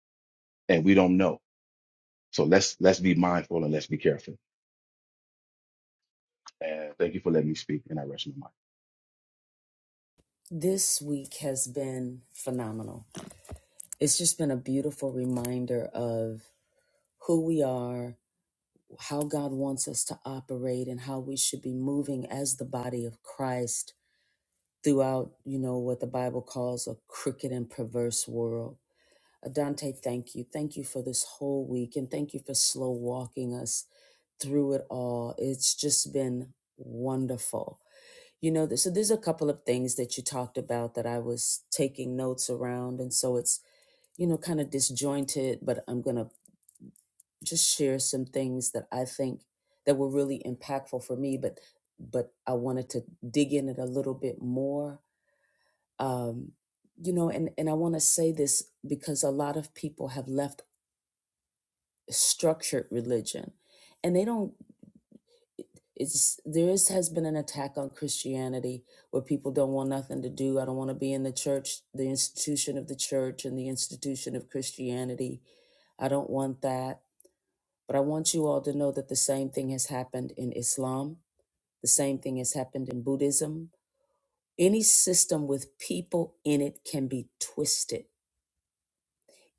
Speaker 6: and we don't know. So let's let's be mindful and let's be careful. And thank you for letting me speak. And I rest my mind.
Speaker 1: This week has been phenomenal. It's just been a beautiful reminder of who we are, how God wants us to operate, and how we should be moving as the body of Christ throughout, you know, what the Bible calls a crooked and perverse world. Adante, thank you. Thank you for this whole week and thank you for slow walking us through it all. It's just been wonderful. You know, th- so there's a couple of things that you talked about that I was taking notes around. And so it's, you know, kind of disjointed, but I'm going to just share some things that I think that were really impactful for me, but but I wanted to dig in it a little bit more um, you know and, and i want to say this because a lot of people have left structured religion and they don't it's there is has been an attack on christianity where people don't want nothing to do i don't want to be in the church the institution of the church and the institution of christianity i don't want that but i want you all to know that the same thing has happened in islam the same thing has happened in buddhism any system with people in it can be twisted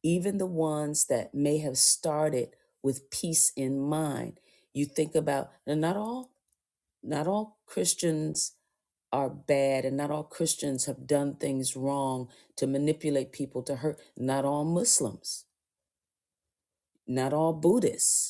Speaker 1: even the ones that may have started with peace in mind. You think about and not all not all Christians are bad and not all Christians have done things wrong to manipulate people to hurt. Not all Muslims, not all Buddhists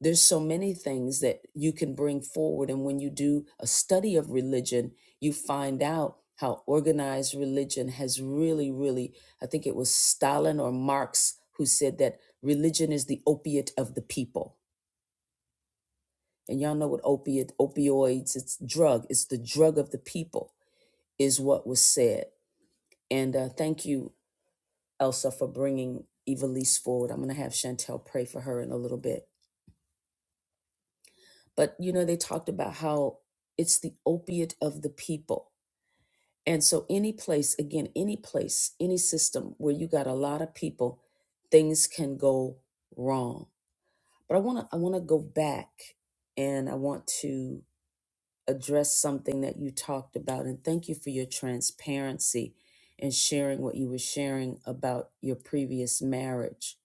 Speaker 1: there's so many things that you can bring forward and when you do a study of religion you find out how organized religion has really really i think it was stalin or marx who said that religion is the opiate of the people and y'all know what opiate opioids it's drug it's the drug of the people is what was said and uh, thank you elsa for bringing evilise forward i'm going to have chantel pray for her in a little bit but you know they talked about how it's the opiate of the people and so any place again any place any system where you got a lot of people things can go wrong but i want to i want to go back and i want to address something that you talked about and thank you for your transparency and sharing what you were sharing about your previous marriage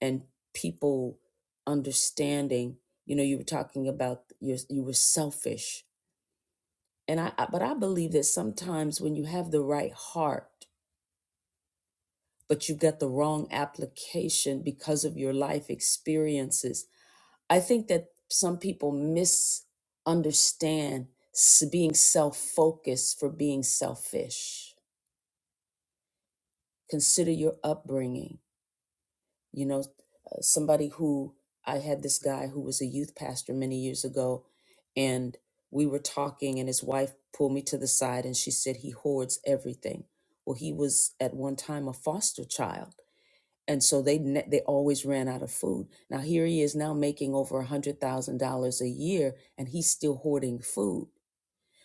Speaker 1: and people understanding you know you were talking about your you were selfish And I, I but I believe that sometimes when you have the right heart, but you've got the wrong application because of your life experiences, I think that some people misunderstand s- being self focused for being selfish. Consider your upbringing you know uh, somebody who i had this guy who was a youth pastor many years ago and we were talking and his wife pulled me to the side and she said he hoards everything well he was at one time a foster child and so they ne- they always ran out of food now here he is now making over a hundred thousand dollars a year and he's still hoarding food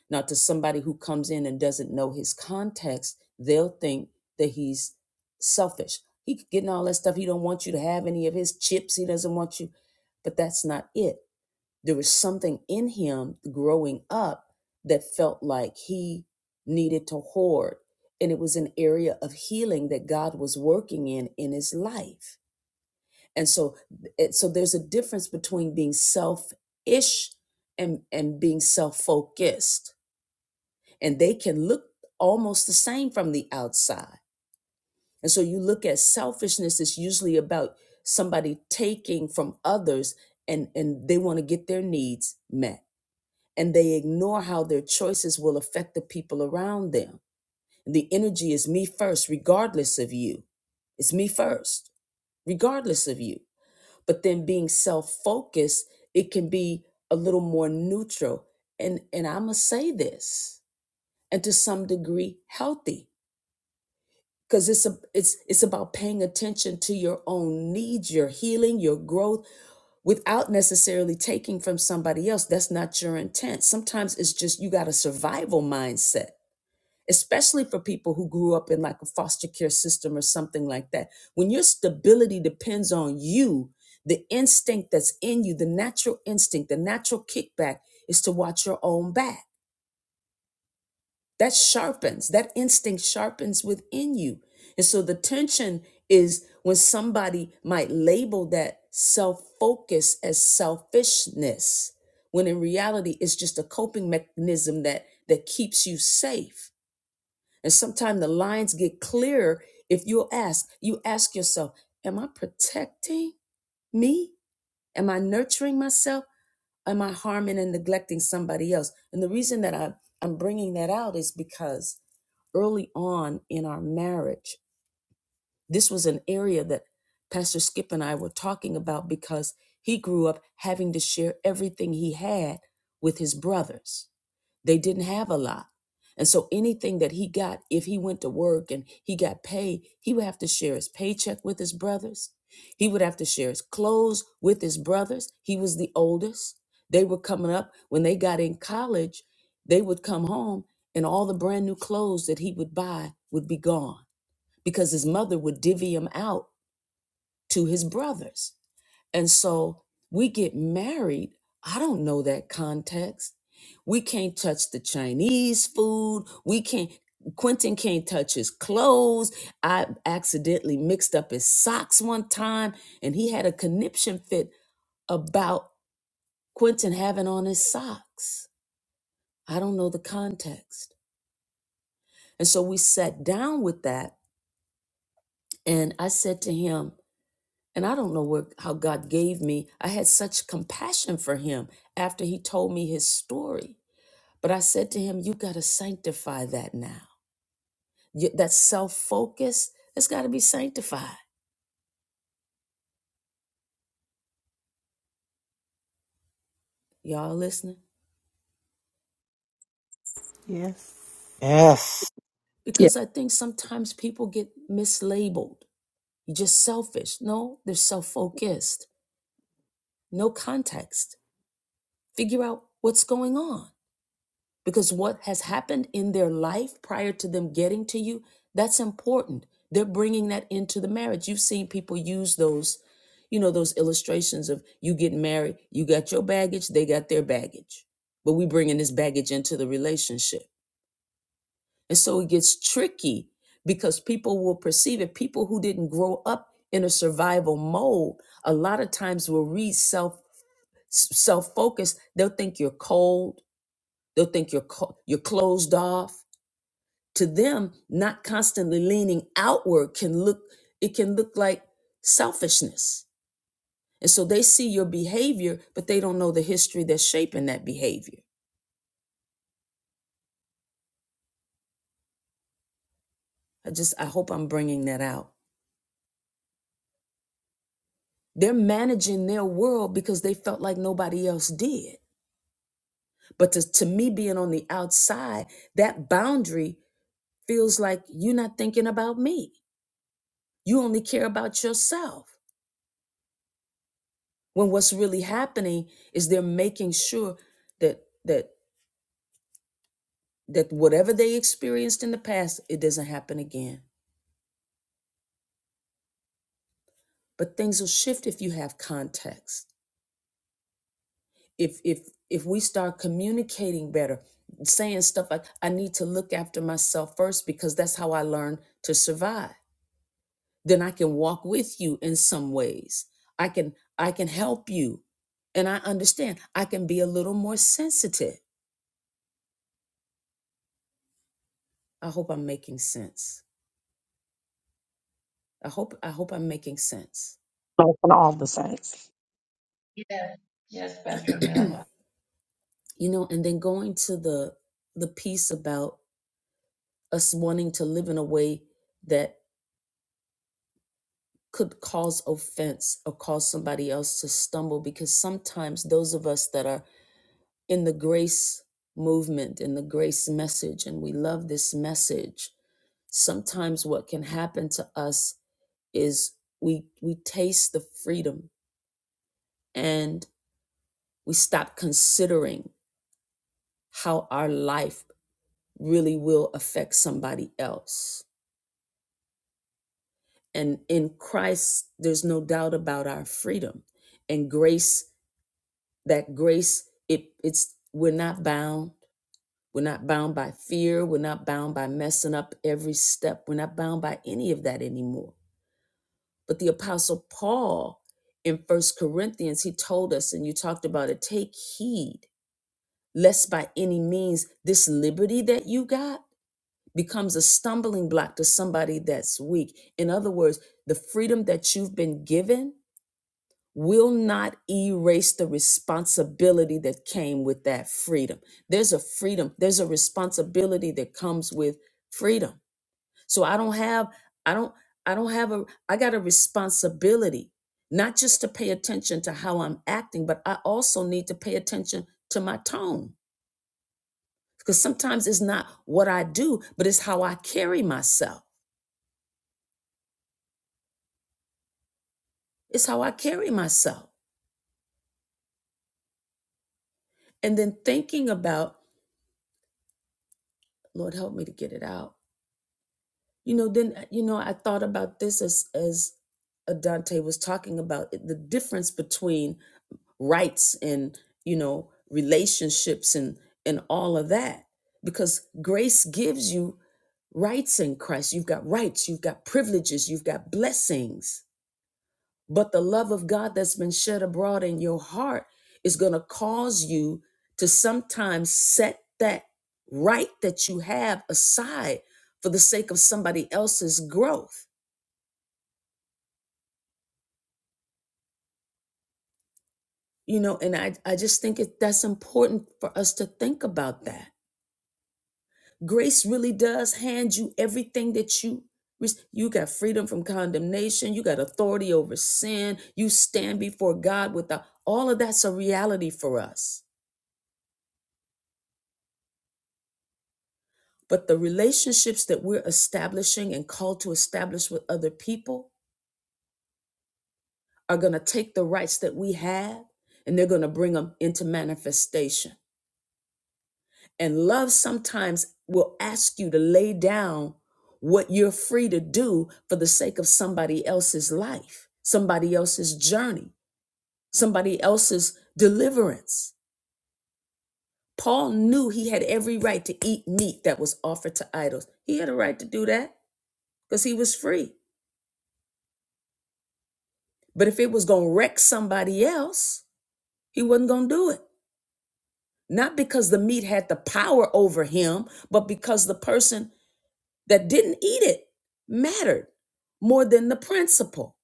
Speaker 1: now, to somebody who comes in and doesn't know his context, they'll think that he's selfish. He could getting all that stuff. He don't want you to have any of his chips. He doesn't want you. But that's not it. There was something in him growing up that felt like he needed to hoard. And it was an area of healing that God was working in in his life. And so, eh, so there's a difference between being selfish and, and being self focused and they can look almost the same from the outside. And so you look at selfishness, it's usually about somebody taking from others and, and they want to get their needs met. And they ignore how their choices will affect the people around them. The energy is me first, regardless of you. It's me first, regardless of you. But then being self focused, it can be a little more neutral. And, and I'm going to say this, and to some degree, healthy because it's a, it's it's about paying attention to your own needs, your healing, your growth, without necessarily taking from somebody else. That's not your intent. Sometimes it's just you got a survival mindset, especially for people who grew up in like a foster care system or something like that. When your stability depends on you, the instinct that's in you, the natural instinct, the natural kickback is to watch your own back that sharpens that instinct sharpens within you and so the tension is when somebody might label that self-focus as selfishness when in reality it's just a coping mechanism that that keeps you safe and sometimes the lines get clearer if you'll ask you ask yourself am i protecting me am i nurturing myself am i harming and neglecting somebody else and the reason that i i'm bringing that out is because early on in our marriage. This was an area that Pastor Skip and I were talking about because he grew up having to share everything he had with his brothers. They didn't have a lot. And so anything that he got, if he went to work and he got paid, he would have to share his paycheck with his brothers. He would have to share his clothes with his brothers. He was the oldest. They were coming up. When they got in college, they would come home and all the brand new clothes that he would buy would be gone because his mother would divvy them out to his brothers. And so we get married. I don't know that context. We can't touch the Chinese food. We can't, Quentin can't touch his clothes. I accidentally mixed up his socks one time and he had a conniption fit about Quentin having on his socks. I don't know the context. And so we sat down with that and I said to him, and I don't know where how God gave me. I had such compassion for him after he told me his story. But I said to him, "You got to sanctify that now. You- that self focus has got to be sanctified." Y'all listening?
Speaker 3: Yes.
Speaker 5: Yes.
Speaker 7: Yeah,
Speaker 1: Because I think sometimes people get mislabeled. You're just selfish. No, they're self focused. No context. Figure out what's going on because what has happened in their life prior to them getting to you that's important they're bringing that into the marriage you've seen people use those you know those illustrations of you get married you got your baggage they got their baggage but we bringing this baggage into the relationship and so it gets tricky because people will perceive it people who didn't grow up in a survival mode a lot of times will read self self focused they'll think you're cold they'll think you're co- you're closed off to them not constantly leaning outward can look it can look like selfishness and so they see your behavior but they don't know the history that's shaping that behavior i just i hope i'm bringing that out they're managing their world because they felt like nobody else did but to, to me being on the outside that boundary feels like you're not thinking about me you only care about yourself when what's really happening is they're making sure that that that whatever they experienced in the past it doesn't happen again but things will shift if you have context if if if we start communicating better saying stuff like i need to look after myself first because that's how i learned to survive then i can walk with you in some ways i can i can help you and i understand i can be a little more sensitive i hope i'm making sense i hope i hope i'm making sense
Speaker 7: both and all the saints.
Speaker 2: Yes, yes, Pastor
Speaker 6: Yes.
Speaker 2: Melva.
Speaker 1: you know and then going to the the piece about us wanting to live in a way that could cause offense or cause somebody else to stumble because sometimes those of us that are in the grace movement in the grace message and we love this message sometimes what can happen to us is we we taste the freedom and we stop considering how our life really will affect somebody else And in Christ, there's no doubt about our freedom and grace. That grace, it it's we're not bound. We're not bound by fear. We're not bound by messing up every step. We're not bound by any of that anymore. But the apostle Paul in First Corinthians, he told us, and you talked about it, take heed lest by any means this liberty that you got becomes a stumbling block to somebody that's weak. In other words, the freedom that you've been given will not erase the responsibility that came with that freedom. There's a freedom, there's a responsibility that comes with freedom. So I don't have I don't I don't have a I got a responsibility not just to pay attention to how I'm acting, but I also need to pay attention to my tone because sometimes it's not what I do, but it's how I carry myself. It's how I carry myself. And then thinking about, Lord help me to get it out You know, then uh, you know, I thought about this as as uh, Dante was talking about it, the difference between rights and you know relationships and and all of that, because grace gives you rights in Christ. You've got rights, you've got privileges, you've got blessings. But the love of God that's been shed abroad in your heart is going to cause you to sometimes set that right that you have aside for the sake of somebody else's growth. you know and i i just think it, that's important for us to think about that grace really does hand you everything that you rec- you got freedom from condemnation you got authority over sin you stand before god without all of that's a reality for us but the relationships that we're establishing and called to establish with other people are going to take the rights that we have and they're going to bring them into manifestation And love sometimes will ask you to lay down what you're free to do for the sake of somebody else's life, somebody else's journey, somebody else's deliverance. Paul knew he had every right to eat meat that was offered to idols. He had a right to do that because he was free. But if it was going to wreck somebody else, he wasn't going to do it. Not because the meat had the power over him, but because the person that didn't eat it mattered more than the principle.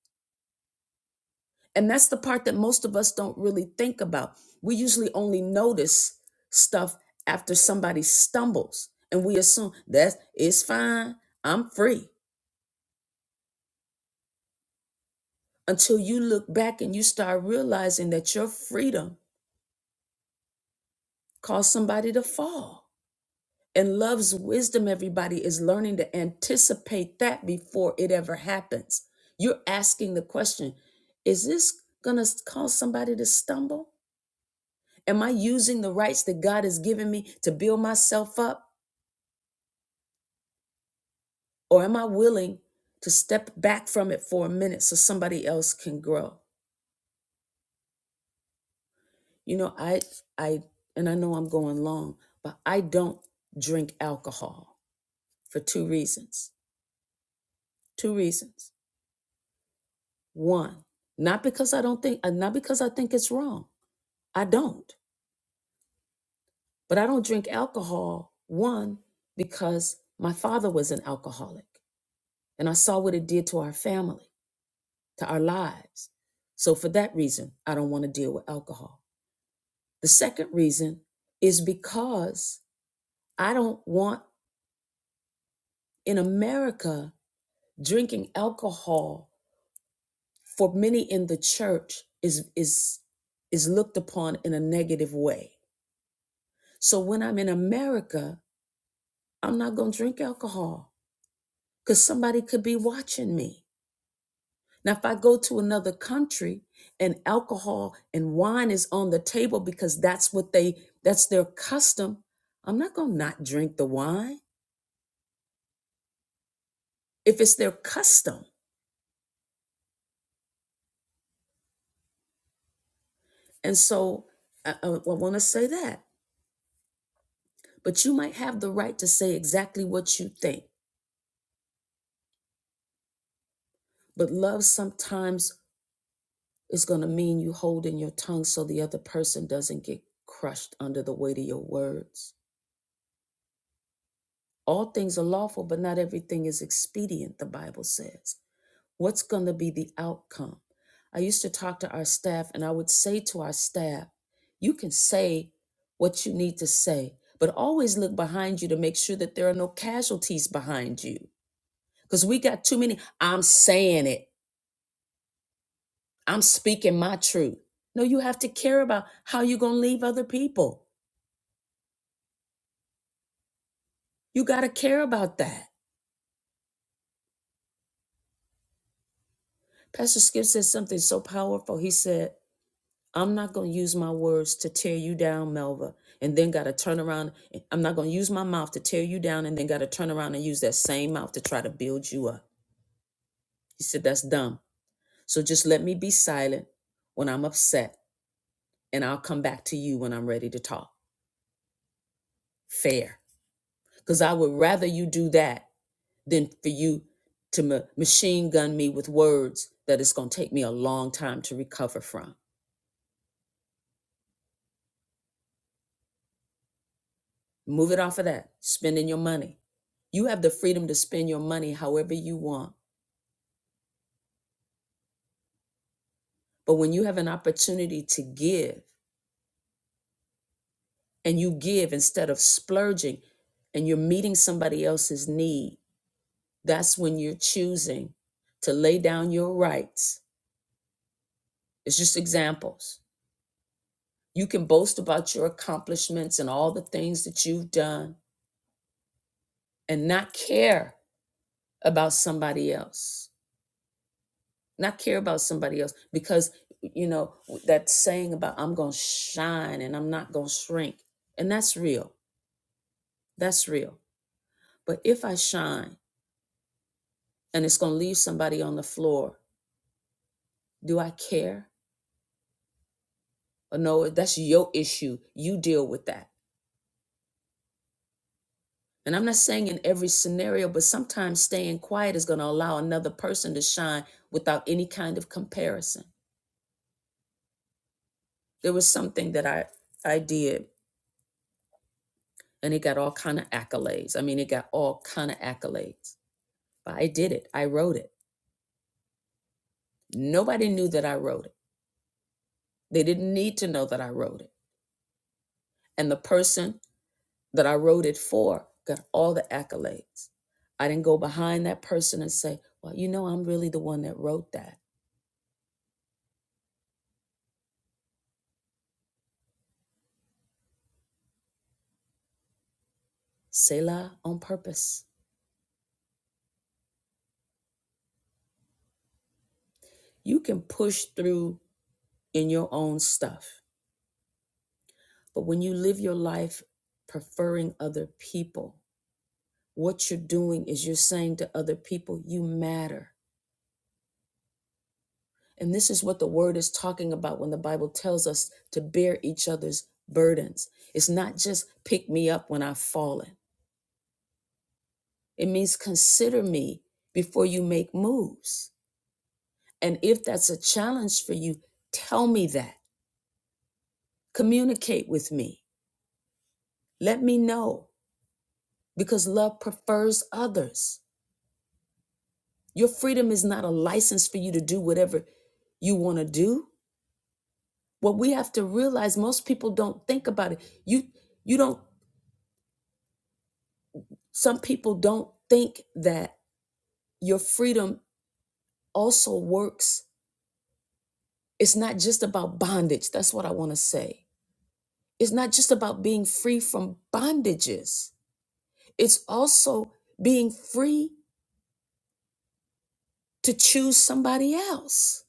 Speaker 1: And that's the part that most of us don't really think about. We usually only notice stuff after somebody stumbles and we assume that it's fine, I'm free. Until you look back and you start realizing that your freedom caused somebody to fall. And love's wisdom, everybody, is learning to anticipate that before it ever happens. You're asking the question Is this going to cause somebody to stumble? Am I using the rights that God has given me to build myself up? Or am I willing to step back from it for a minute so somebody else can grow? You know, I, I, and I know I'm going long, but I don't drink alcohol for two reasons. Two reasons. one not because i don't think uh, not because i think it's wrong i don't but i don't drink alcohol one because my father was an alcoholic and i saw what it did to our family to our lives so for that reason i don't want to deal with alcohol the second reason is because i don't want in america drinking alcohol for many in the church is is is looked upon in a negative way So when I'm in America, I'm not going to drink alcohol because somebody could be watching me. Now, if I go to another country and alcohol and wine is on the table because that's what they, that's their custom, I'm not going to not drink the wine if it's their custom. And so I, I, I want to say that. But you might have the right to say exactly what you think. But love sometimes It's going to mean you holding your tongue so the other person doesn't get crushed under the weight of your words. All things are lawful, but not everything is expedient, the Bible says. What's going to be the outcome? I used to talk to our staff, and I would say to our staff, You can say what you need to say, but always look behind you to make sure that there are no casualties behind you. Because we got too many, I'm saying it, I'm speaking my truth. No, you have to care about how you're going to leave other people. You got to care about that. Pastor Skip said something so powerful. He said, I'm not going to use my words to tear you down, Melva, and then got to turn around. I'm not going to use my mouth to tear you down and then got to turn around and use that same mouth to try to build you up. He said, That's dumb. So just let me be silent when I'm upset and I'll come back to you when I'm ready to talk. Fair. Because I would rather you do that than for you to ma- machine gun me with words that it's going to take me a long time to recover from. Move it off of that. Spending your money. You have the freedom to spend your money however you want. But when you have an opportunity to give and you give instead of splurging and you're meeting somebody else's need, that's when you're choosing to lay down your rights. It's just examples. You can boast about your accomplishments and all the things that you've done and not care about somebody else. not care about somebody else because you know that saying about i'm gonna shine and i'm not gonna shrink and that's real that's real but if i shine and it's gonna leave somebody on the floor do i care or no that's your issue you deal with that and i'm not saying in every scenario but sometimes staying quiet is gonna allow another person to shine without any kind of comparison there was something that i i did and it got all kind of accolades i mean it got all kind of accolades But I did it. I wrote it. Nobody knew that I wrote it. They didn't need to know that I wrote it. And the person that I wrote it for got all the accolades. I didn't go behind that person and say, Well, you know, I'm really the one that wrote that. Selah on purpose. You can push through in your own stuff. But when you live your life preferring other people, what you're doing is you're saying to other people, You matter. And this is what the word is talking about when the Bible tells us to bear each other's burdens. It's not just pick me up when I've fallen, it means consider me before you make moves. And if that's a challenge for you, tell me that. Communicate with me. Let me know because love prefers others. Your freedom is not a license for you to do whatever you want to do. What we have to realize most people don't think about it. You you don't Some people don't think that your freedom also works. It's not just about bondage. That's what I want to say. It's not just about being free from bondages, it's also being free to choose somebody else.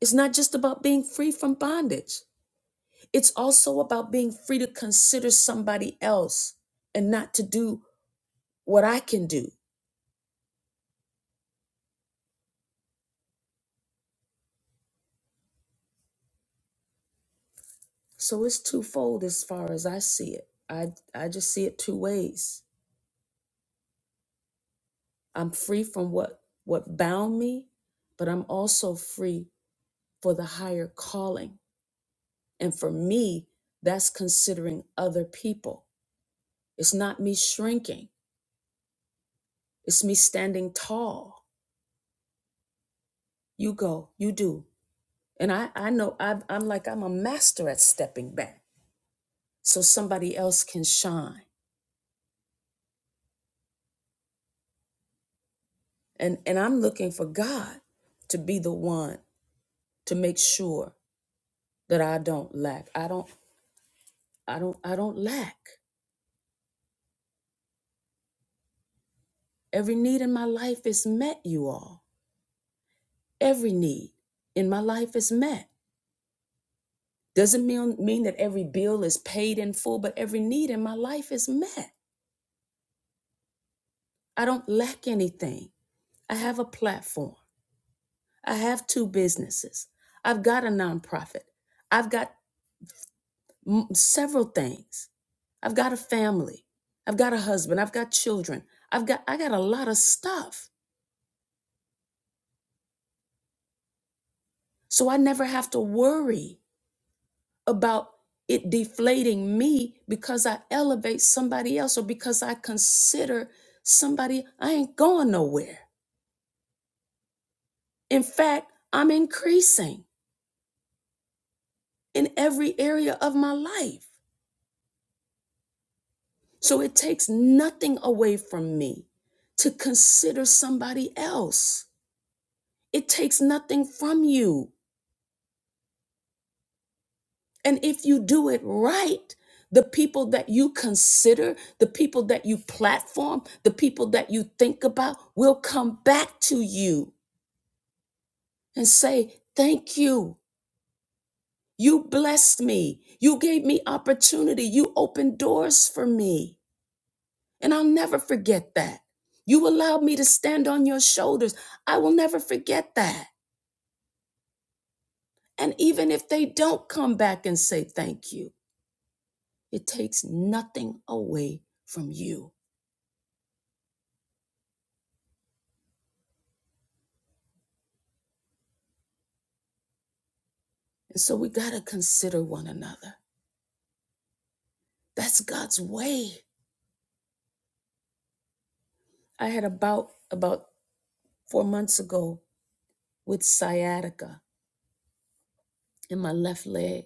Speaker 1: It's not just about being free from bondage. It's also about being free to consider somebody else and not to do what I can do. So it's twofold as far as I see it. I, I just see it two ways. I'm free from what what bound me, but I'm also free for the higher calling. And for me, that's considering other people. It's not me shrinking. It's me standing tall. You go, you do. And I, I know I've, I'm like, I'm a master at stepping back so somebody else can shine. And, and I'm looking for God to be the one to make sure that I don't lack. I don't, I don't, I don't lack. Every need in my life is met, you all. Every need in my life is met. Doesn't mean, mean that every bill is paid in full, but every need in my life is met. I don't lack anything. I have a platform. I have two businesses. I've got a nonprofit. I've got mm, several things. I've got a family. I've got a husband. I've got children. I've got I got a lot of stuff. So I never have to worry about it deflating me because I elevate somebody else or because I consider somebody, I ain't going nowhere. In fact, I'm increasing in every area of my life. So it takes nothing away from me to consider somebody else. It takes nothing from you And if you do it right, the people that you consider, the people that you platform, the people that you think about will come back to you and say, Thank you. You blessed me. You gave me opportunity. You opened doors for me. And I'll never forget that. You allowed me to stand on your shoulders. I will never forget that. And even if they don't come back and say thank you, it takes nothing away from you. And so we got to consider one another. That's God's way. I had a bout about four months ago with sciatica in my left leg,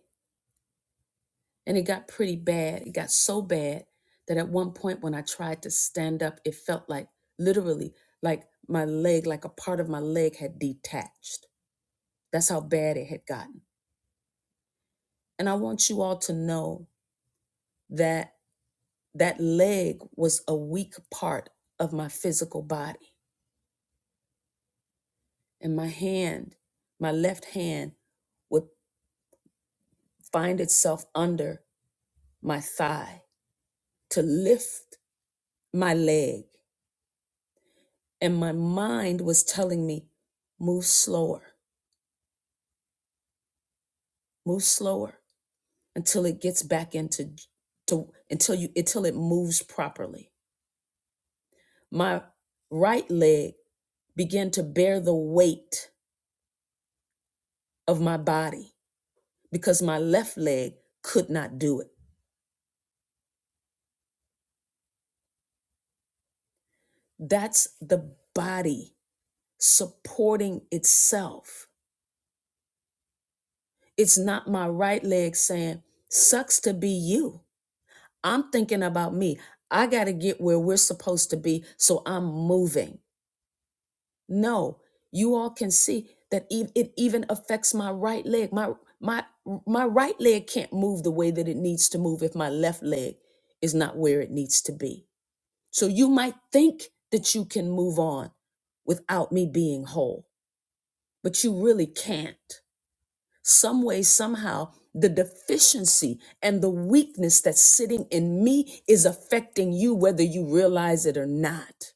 Speaker 1: and it got pretty bad. It got so bad that at one point when I tried to stand up, it felt like literally like my leg, like a part of my leg had detached. That's how bad it had gotten. And I want you all to know that that leg was a weak part of my physical body and my hand, my left hand, would find itself under my thigh to lift my leg. And my mind was telling me, move slower, move slower until it gets back into to until you until it moves properly. My right leg began to bear the weight of my body because my left leg could not do it. That's the body supporting itself. It's not my right leg saying, sucks to be you. I'm thinking about me. I got to get where we're supposed to be, so I'm moving. No, you all can see that e- it even affects my right leg. My my my right leg can't move the way that it needs to move if my left leg is not where it needs to be. So you might think that you can move on without me being whole, but you really can't. some way, somehow, the deficiency and the weakness that's sitting in me is affecting you, whether you realize it or not.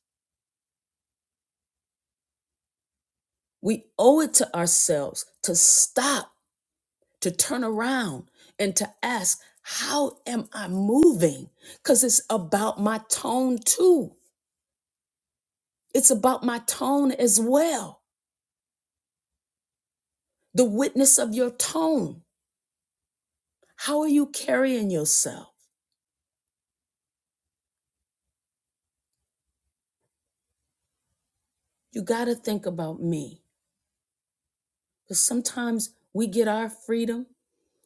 Speaker 1: We owe it to ourselves to stop, to turn around, and to ask, How am I moving? Because it's about my tone too. It's about my tone as well. The witness of your tone. How are you carrying yourself? You got to think about me. Because sometimes we get our freedom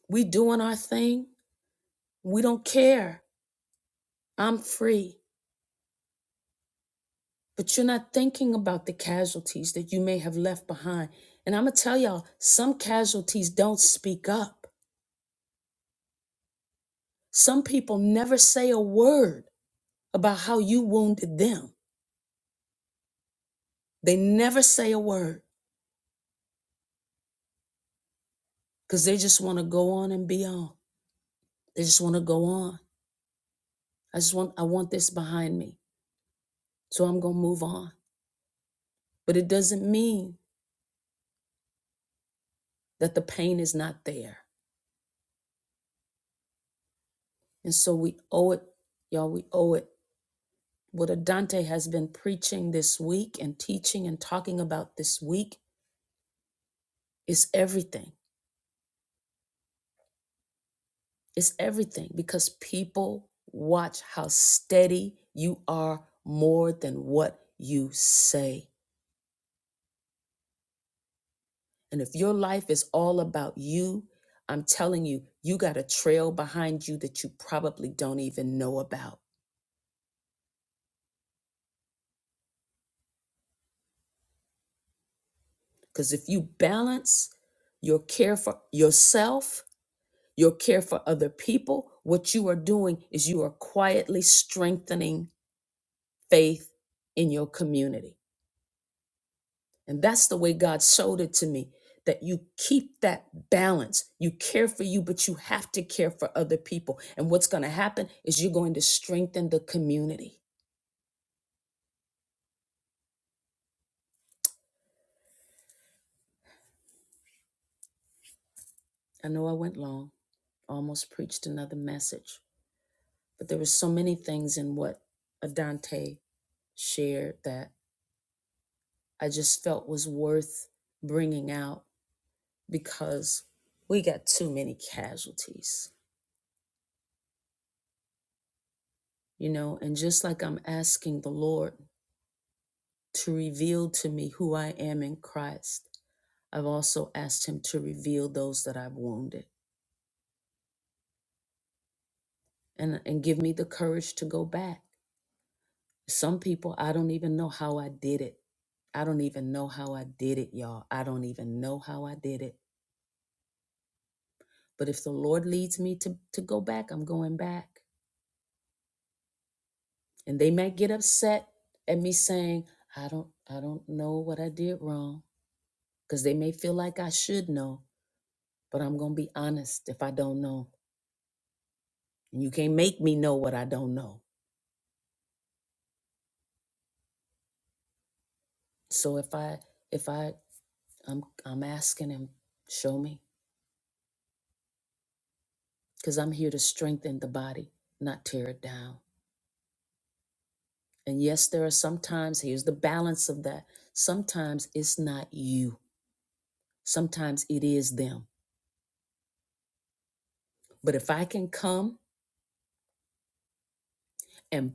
Speaker 1: We doing our thing. We don't care. I'm free. But you're not thinking about the casualties that you may have left behind. And I'm going to tell y'all, some casualties don't speak up. Some people never say a word about how you wounded them. They never say a word because they just want to go on and be on. They just want to go on. I just want I want this behind me. So I'm going to move on. But it doesn't mean that the pain is not there. And so we owe it, y'all, we owe it What Adante has been preaching this week and teaching and talking about this week is everything. It's everything because people watch how steady you are more than what you say. And if your life is all about you, I'm telling you, you got a trail behind you that you probably don't even know about. Because if you balance your care for yourself your care for other people, what you are doing is you are quietly strengthening faith in your community. And that's the way God showed it to me that you keep that balance. You care for you, but you have to care for other people. And what's going to happen is you're going to strengthen the community. I know I went long, almost preached another message, but there were so many things in what Adante shared that I just felt was worth bringing out because we got too many casualties, you know. And just like I'm asking the Lord to reveal to me who I am in Christ, I've also asked Him to reveal those that I've wounded and, and give me the courage to go back. Some people, I don't even know how I did it. I don't even know how I did it, y'all. I don't even know how I did it. But if the Lord leads me to, to go back, I'm going back. and they might get upset at me saying i don't i don't know what i did wrong because they may feel like i should know but i'm gonna be honest if i don't know and you can't make me know what i don't know so if i if i i'm i'm asking him show me because i'm here to strengthen the body not tear it down and yes there are sometimes here's the balance of that sometimes it's not you sometimes it is them but if i can come and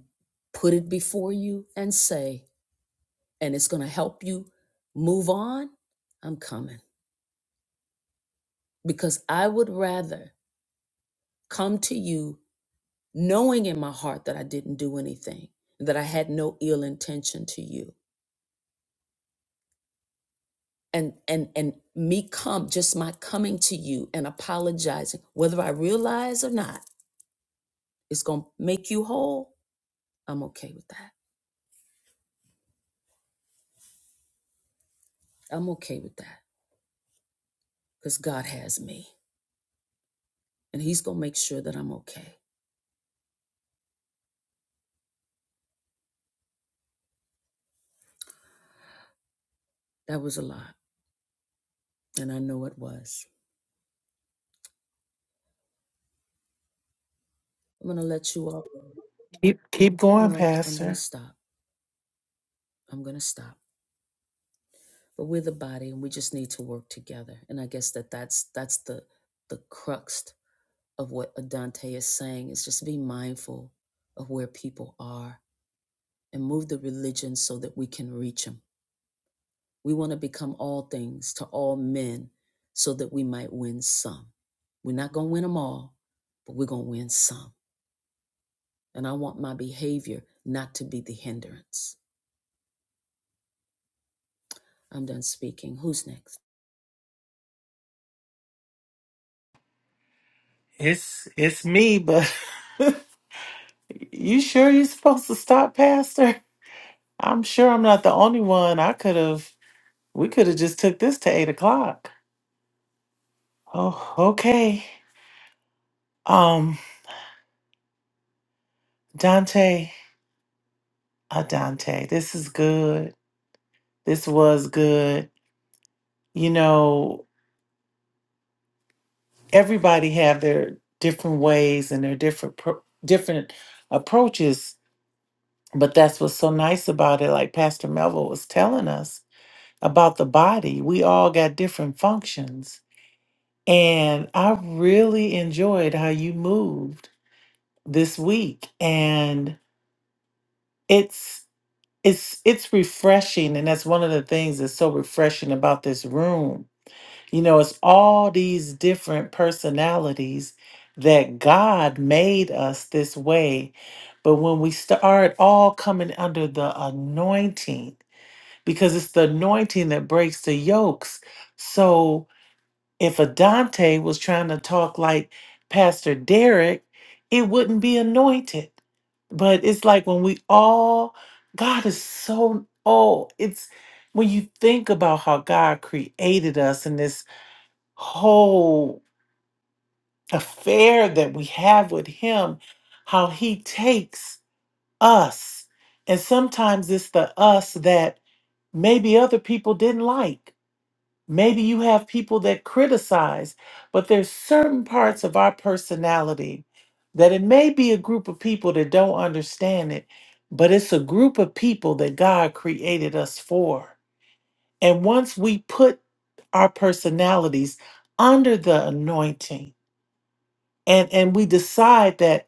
Speaker 1: put it before you and say, and it's going to help you move on, I'm coming. Because I would rather come to you knowing in my heart that I didn't do anything, that I had no ill intention to you. And, and and me come just my coming to you and apologizing whether i realize or not it's gonna make you whole i'm okay with that i'm okay with that because god has me and he's gonna make sure that i'm okay that was a lot And I know it was. I'm going to let you all
Speaker 5: Keep keep going,
Speaker 1: No, I'm going to
Speaker 5: Pastor.
Speaker 1: stop. I'm going to stop. But we're the body and we just need to work together. And I guess that that's that's the the crux of what Adante is saying is just be mindful of where people are and move the religion so that we can reach them. We want to become all things to all men so that we might win some. We're not going to win them all, but we're going to win some. And I want my behavior not to be the hindrance. I'm done speaking. Who's next?
Speaker 5: It's it's me, but you sure you're supposed to stop, Pastor? I'm sure I'm not the only one. I could have we could have just took this to eight o'clock. Oh, okay. Um, Dante, uh, Dante, this is good. This was good. You know, everybody have their different ways and their different pro- different approaches But that's what's so nice about it. Like Pastor Melville was telling us about the body, we all got different functions. And I really enjoyed how you moved this week. And it's, it's it's refreshing and that's one of the things that's so refreshing about this room you know it's all these different personalities that god made us this way but when we start all coming under the anointing because it's the anointing that breaks the yokes. So if a Dante was trying to talk like Pastor Derek, it wouldn't be anointed. But it's like when we all, God is so, oh, it's when you think about how God created us and this whole affair that we have with Him, how He takes us. And sometimes it's the us that maybe other people didn't like Maybe you have people that criticize, but there's certain parts of our personality that it may be a group of people that don't understand it, but it's a group of people that God created us for. And once we put our personalities under the anointing and and we decide that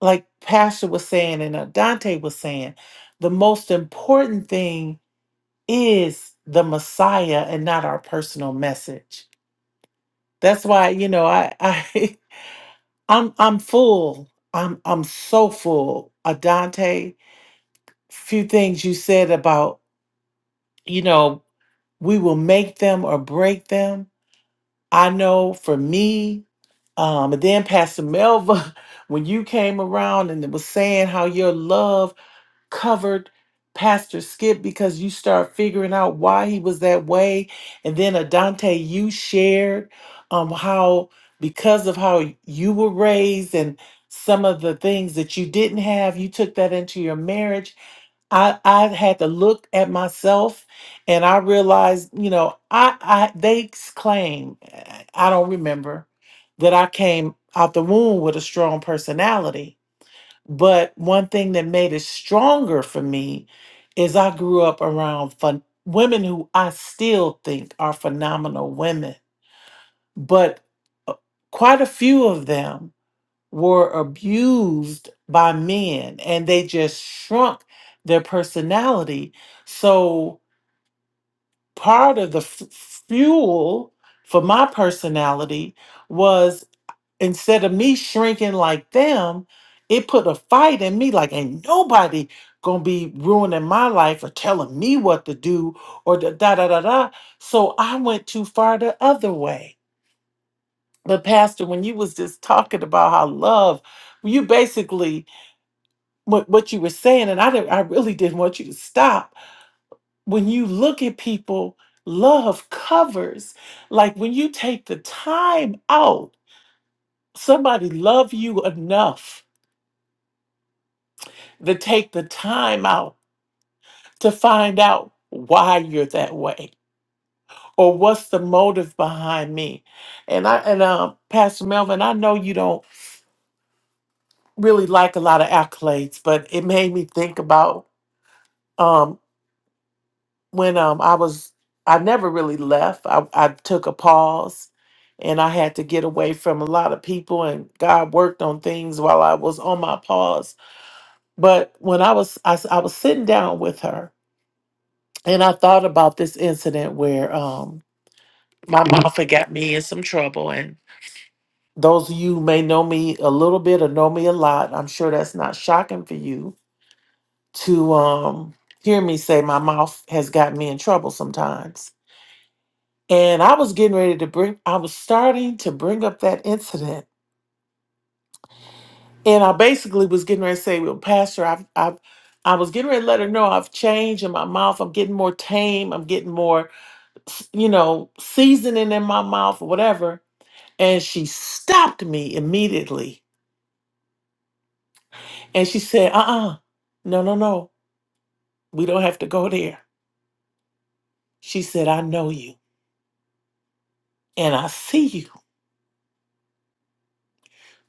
Speaker 5: like Pastor was saying and uh, Dante was saying, the most important thing is the Messiah and not our personal message That's why, you know, I, I I'm I'm full. I'm I'm so full. Adante, few things you said about, you know, we will make them or break them. I know for me, um, and then Pastor Melva, when you came around and was saying how your love covered Pastor Skip because you start figuring out why he was that way. And then Adante, you shared um how because of how you were raised and some of the things that you didn't have, you took that into your marriage. I, I had to look at myself and I realized, you know, I, I they claim I don't remember that I came out the womb with a strong personality but one thing that made it stronger for me is I grew up around fun- women who I still think are phenomenal women, but uh, quite a few of them were abused by men and they just shrunk their personality. So part of the f- fuel for my personality instead of me shrinking like them, it put a fight in me like ain't nobody gonna be ruining my life or telling me what to do or da da da da. da. So I went too far the other way. But Pastor, when you was just talking about how love, you basically what, what you were saying, and I didn't, I really didn't want you to stop. When you look at people, love covers. Like when you take the time out, somebody love you enough to take the time out to find out why you're that way or what's the motive behind me. And I and uh, Pastor Melvin, I know you don't really like a lot of accolades, but it made me think about um, when um, I was I never really left. I, I took a pause and I had to get away from a lot of people and God worked on things while I was on my pause. But when I was I s I I was sitting down with her And I thought about this incident where um my mouth had got me in some trouble. And those of you who may know me a little bit or know me a lot, I'm sure that's not shocking for you to um hear me say my mouth has got me in trouble sometimes. And I was getting ready to bring I was starting to bring up that incident. And I basically was getting ready to say, Well, Pastor, I've I've I was getting ready to let her know I've changed in my mouth. I'm getting more tame. I'm getting more, you know, seasoning in my mouth or whatever And she stopped me immediately. And she said, Uh uh no, no, no. We don't have to go there. She said, I know you and I see you.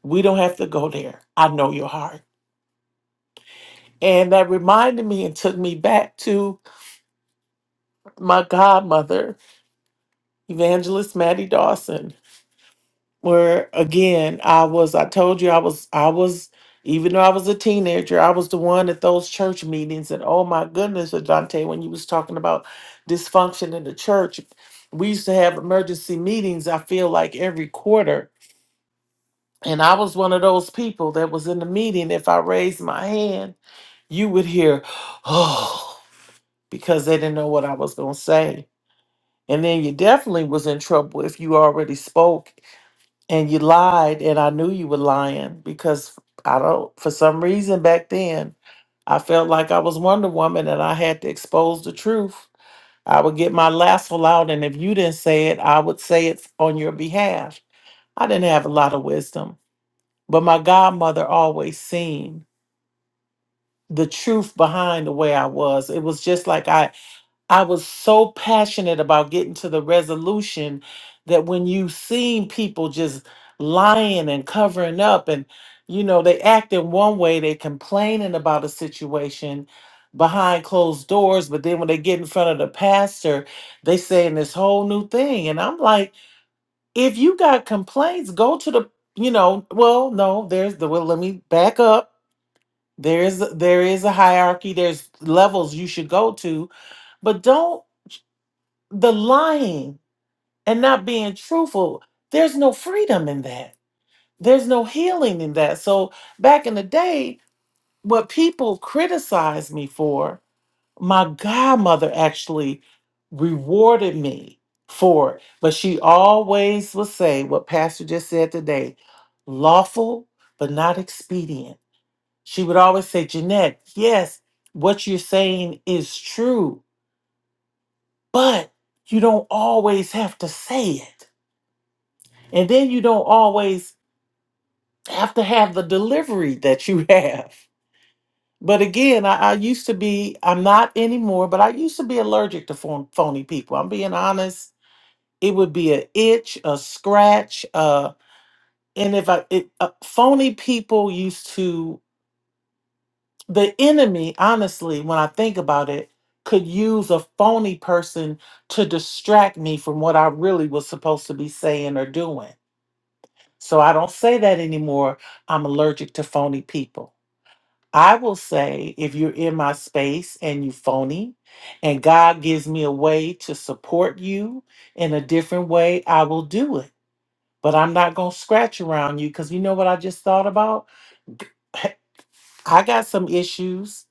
Speaker 5: We don't have to go there. I know your heart. And that reminded me and took me back to my godmother, Evangelist Maddie Dawson, where again i was i told you i was i was even though i was a teenager i was the one at those church meetings and oh my goodness adante when you was talking about dysfunction in the church we used to have emergency meetings i feel like every quarter and i was one of those people that was in the meeting if i raised my hand you would hear oh because they didn't know what i was going to say and then you definitely was in trouble if you already spoke and you lied and i knew you were lying because i don't for some reason back then i felt like i was wonder woman and i had to expose the truth i would get my lasso out and if you didn't say it i would say it on your behalf i didn't have a lot of wisdom but my godmother always seen the truth behind the way i was it was just like i I was so passionate about getting to the resolution that when you seen people just lying and covering up and you know they acting one way, they complaining about a situation behind closed doors, but then when they get in front of the pastor, they saying this whole new thing. And I'm like, if you got complaints, go to the you know, well, no, there's the well, let me back up. There's there is a hierarchy, there's levels you should go to, but don't the lying and not being truthful, there's no freedom in that. There's no healing in that. So back in the day, what people criticized me for, my godmother actually rewarded me for it. But she always would say what Pastor just said today lawful, but not expedient. She would always say, Jeanette, yes, what you're saying is true, but you don't always have to say it And then you don't always have to have the delivery that you have. But again, I, I used to be, I'm not anymore, but I used to be allergic to phon- phony people. I'm being honest. It would be an itch, a scratch. Uh, and if I, it, uh, phony people used to, the enemy, honestly, when I think about it, could use a phony person to distract me from what I really was supposed to be saying or doing. So I don't say that anymore. I'm allergic to phony people. I will say if you're in my space and you phony and God gives me a way to support you in a different way, I will do it. But I'm not going to scratch around you cuz you know what I just thought about? I got some issues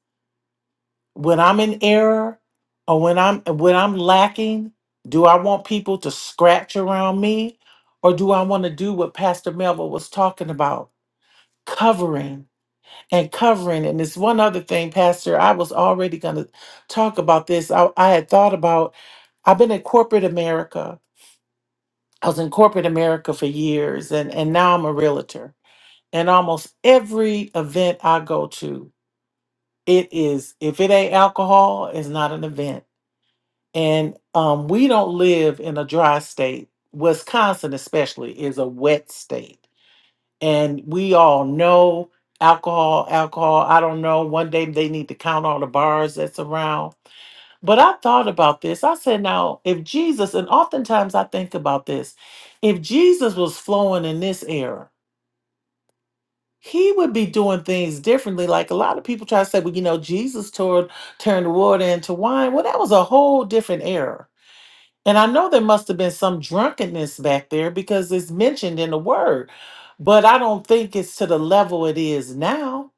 Speaker 5: when I'm in error or when I'm when I'm lacking. Do I want people to scratch around me or do I want to do what Pastor Melville was talking about? covering and covering. And this one other thing, Pastor, I was already going to talk about this. I, I had thought about, I've been in corporate America. I was in corporate America for years, and, and now I'm a realtor. And almost every event I go to, it is, if it ain't alcohol, it's not an event. And um, we don't live in a dry state. Wisconsin, especially, is a wet state and we all know alcohol, alcohol. I don't know. One day they need to count all the bars that's around. But I thought about this. I said, now, if Jesus, and oftentimes I think about this, if Jesus was flowing in this era, he would be doing things differently. Like a lot of people try to say, well, you know, Jesus toward, turned water into wine. Well, that was a whole different era and I know there must have been some drunkenness back there because it's mentioned in the word, but I don't think it's to the level it is now.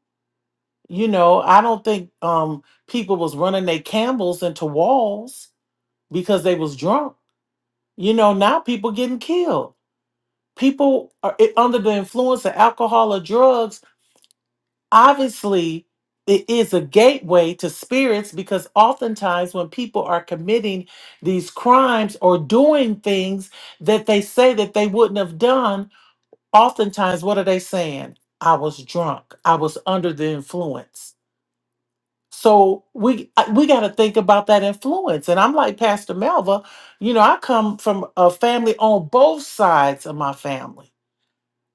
Speaker 5: You know, I don't think um people was running their camels into walls because they was drunk. You know, now people getting killed. People are i- under the influence of alcohol or drugs obviously it is a gateway to spirits because oftentimes when people are committing these crimes or doing things that they say that they wouldn't have done oftentimes what are they saying i was drunk i was under the influence so we I- we got to think about that influence and i'm like pastor melva you know i come from a family on both sides of my family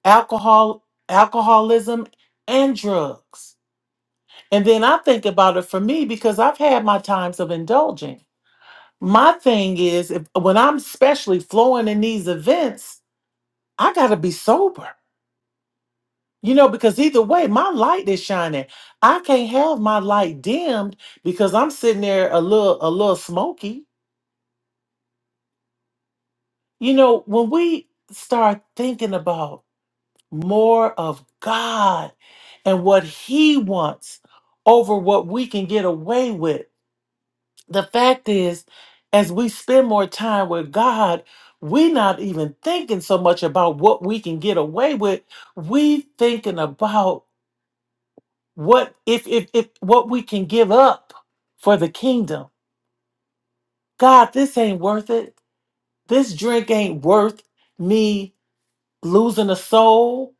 Speaker 5: alcohol alcoholism and drugs and then I think about it for me because I've had my times of indulging. My thing is, if, when I'm especially flowing in these events, I got to be sober, you know, because either way, my light is shining. I can't have my light dimmed because I'm sitting there a little, a little smoky. You know, when we start thinking about more of God and what He wants over what we can get away with, the fact is, as we spend more time with God, we're not even thinking so much about what we can get away with. We thinking about what if if if what we can give up for the kingdom. God, this ain't worth it. This drink ain't worth me losing a soul.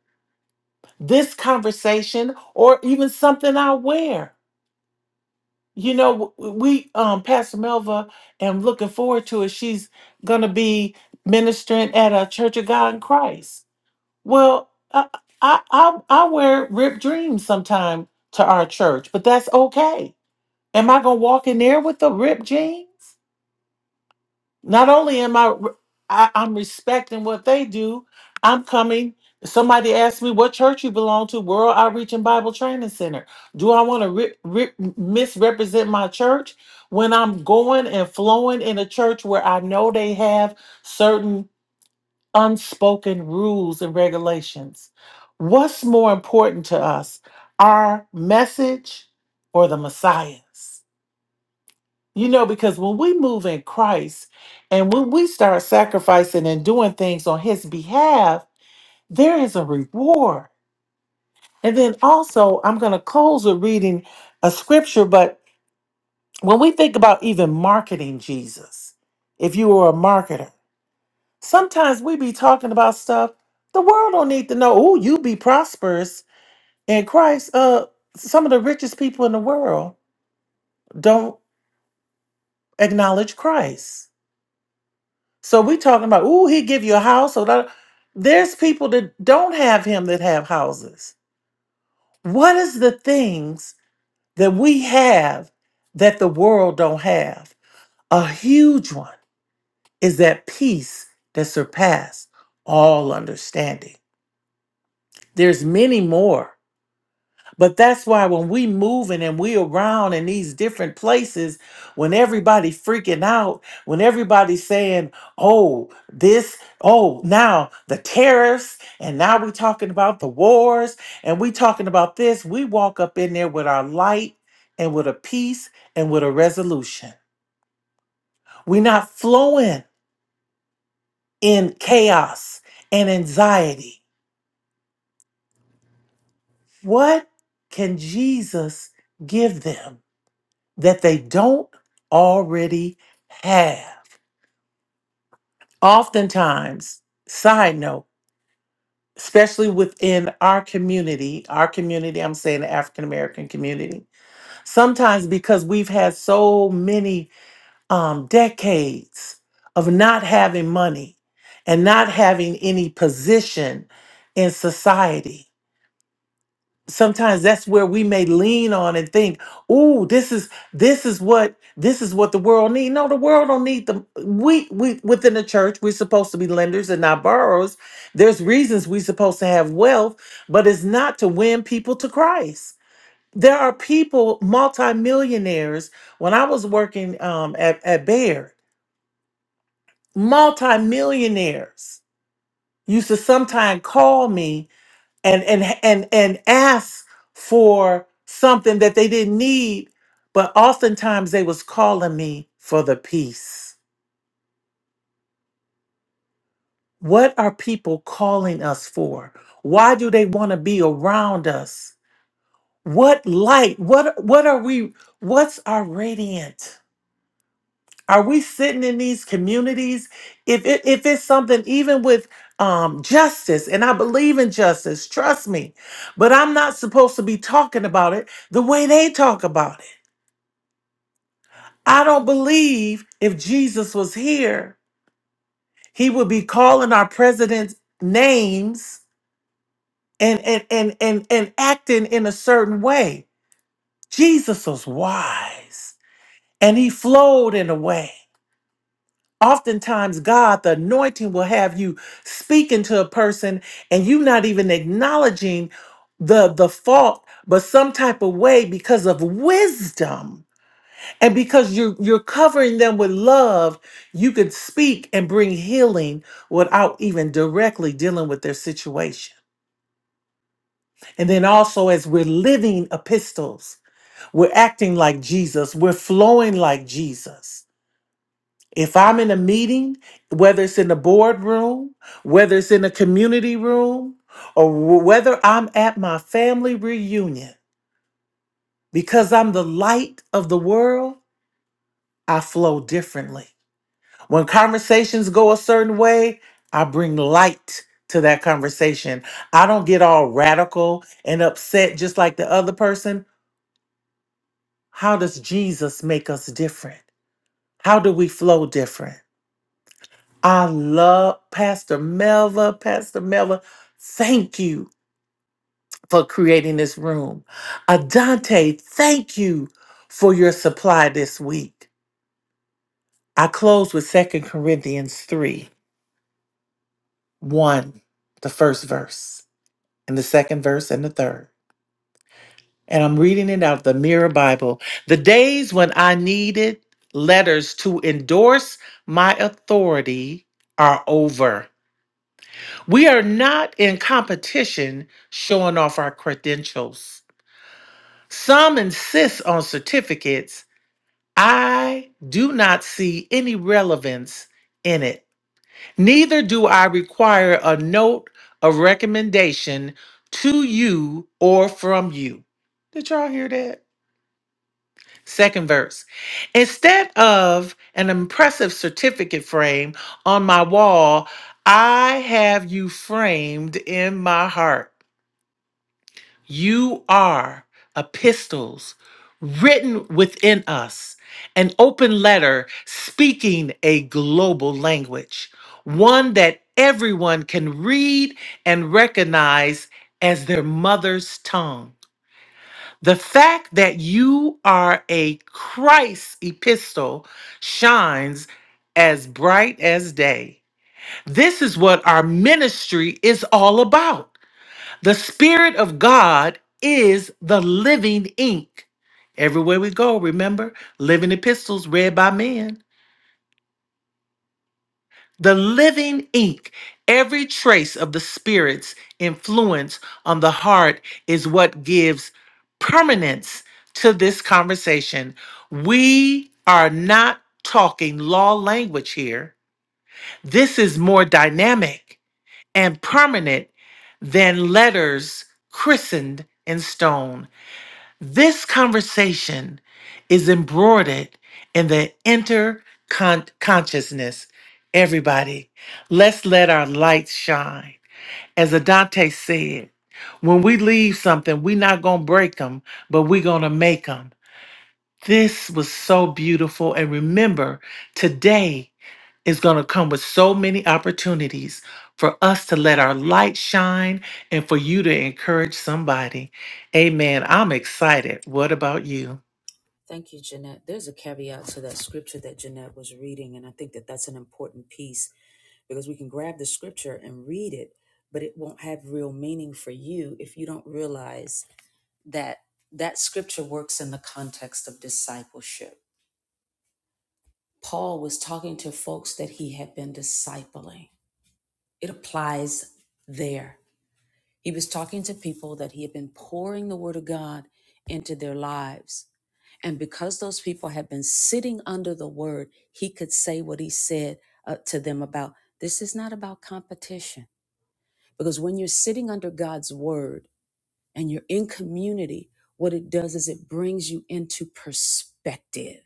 Speaker 5: This conversation or even something I wear. You know, w- we um Pastor Melva am looking forward to it. She's gonna be ministering at a Church of God in Christ. Well, I I I, I wear ripped jeans sometime to our church, but that's okay. Am I gonna walk in there with the ripped jeans? Not only am I, I I'm respecting what they do, I'm coming. Somebody asked me what church you belong to, World Outreach and Bible Training Center. Do I want to re- re- misrepresent my church when I'm going and flowing in a church where I know they have certain unspoken rules and regulations? What's more important to us, our message or the Messiah's? You know, because when we move in Christ and when we start sacrificing and doing things on His behalf, there is a reward. And then also, I'm going to close with reading a scripture, but when we think about even marketing Jesus, if you were a marketer, sometimes we be talking about stuff the world don't need to know. Oh, you be prosperous in Christ. Uh, some of the richest people in the world don't acknowledge Christ So we talking about, ooh, he give you a house. Or that. There's people that don't have him that have houses. What is the things that we have that the world don't have? A huge one is that peace that surpass all understanding. There's many more, But that's why when we moving and we around in these different places, when everybody freaking out, when everybody saying, "Oh, this, oh, now the tariffs, and now we talking about the wars, and we talking about this," we walk up in there with our light and with a peace and with a resolution. We're not flowing in chaos and anxiety. What can Jesus give them? that they don't already have. Oftentimes, side note, especially within our community, our community, I'm saying the African American community, sometimes because we've had so many um, decades of not having money and not having any position in society sometimes that's where we may lean on and think, "Ooh, this is this is what this is what the world need." No, the world don't need them. we we within the church. We're supposed to be lenders and not borrowers. There's reasons we're supposed to have wealth, but it's not to win people to Christ. There are people, multimillionaires. When I was working um, at at Baird, multimillionaires used to sometimes call me and and and and ask for something that they didn't need but oftentimes they was calling me for the peace what are people calling us for why do they want to be around us what light what what are we what's our radiant Are we sitting in these communities? If it, if it's something even with um, justice, and I believe in justice, trust me, but I'm not supposed to be talking about it the way they talk about it. I don't believe if Jesus was here, he would be calling our president's names and and and and, and acting in a certain way. Jesus was wise and he flowed in a way. Oftentimes, God, the anointing will have you speaking to a person and you not even acknowledging the, the fault, but some type of way because of wisdom. And because you're you're covering them with love, you can speak and bring healing without even directly dealing with their situation. And then also as we're living epistles, we're acting like Jesus, we're flowing like Jesus. If I'm in a meeting, whether it's in the boardroom, whether it's in the community room, or wh- whether I'm at my family reunion, because I'm the light of the world, I flow differently. When conversations go a certain way, I bring light to that conversation. I don't get all radical and upset just like the other person. How does Jesus make us different? How do we flow different? I love Pastor Melva. Pastor Melva, thank you for creating this room. Adante, thank you for your supply this week. I close with Second Corinthians 3 1, the first verse, and the second verse, and the third. And I'm reading it out of the Mirror Bible. The days when I needed letters to endorse my authority are over. We are not in competition showing off our credentials. Some insist on certificates. I do not see any relevance in it. Neither do I require a note of recommendation to you or from you. Did y'all hear that? Second verse. Instead of an impressive certificate frame on my wall, I have you framed in my heart. You are epistles written within us, an open letter speaking a global language, one that everyone can read and recognize as their mother's tongue. The fact that you are a Christ epistle shines as bright as day. This is what our ministry is all about the Spirit of God is the living ink. Everywhere we go, remember, living epistles read by men. The living ink. Every trace of the Spirit's influence on the heart is what gives permanence to this conversation. We are not talking law language here. This is more dynamic and permanent than letters christened in stone. This conversation is embroidered in the interconsciousness. Everybody, let's let our lights shine. As Adante said, when we leave something, we're not going to break them, but we're going to make them. This was so beautiful. And remember, today is going to come with so many opportunities for us to let our light shine and for you to encourage somebody. Amen. I'm excited. What about you?
Speaker 1: Thank you, Jeanette. There's a caveat to that scripture that Jeanette was reading, and I think that that's an important piece because we can grab the scripture and read it, but it won't have real meaning for you if you don't realize that that scripture works in the context of discipleship. Paul was talking to folks that he had been discipling, it applies there. He was talking to people that he had been pouring the word of God into their lives. And because those people had been sitting under the word, he could say what he said uh, to them about this is not about competition. Because when you're sitting under God's word and you're in community, what it does is it brings you into perspective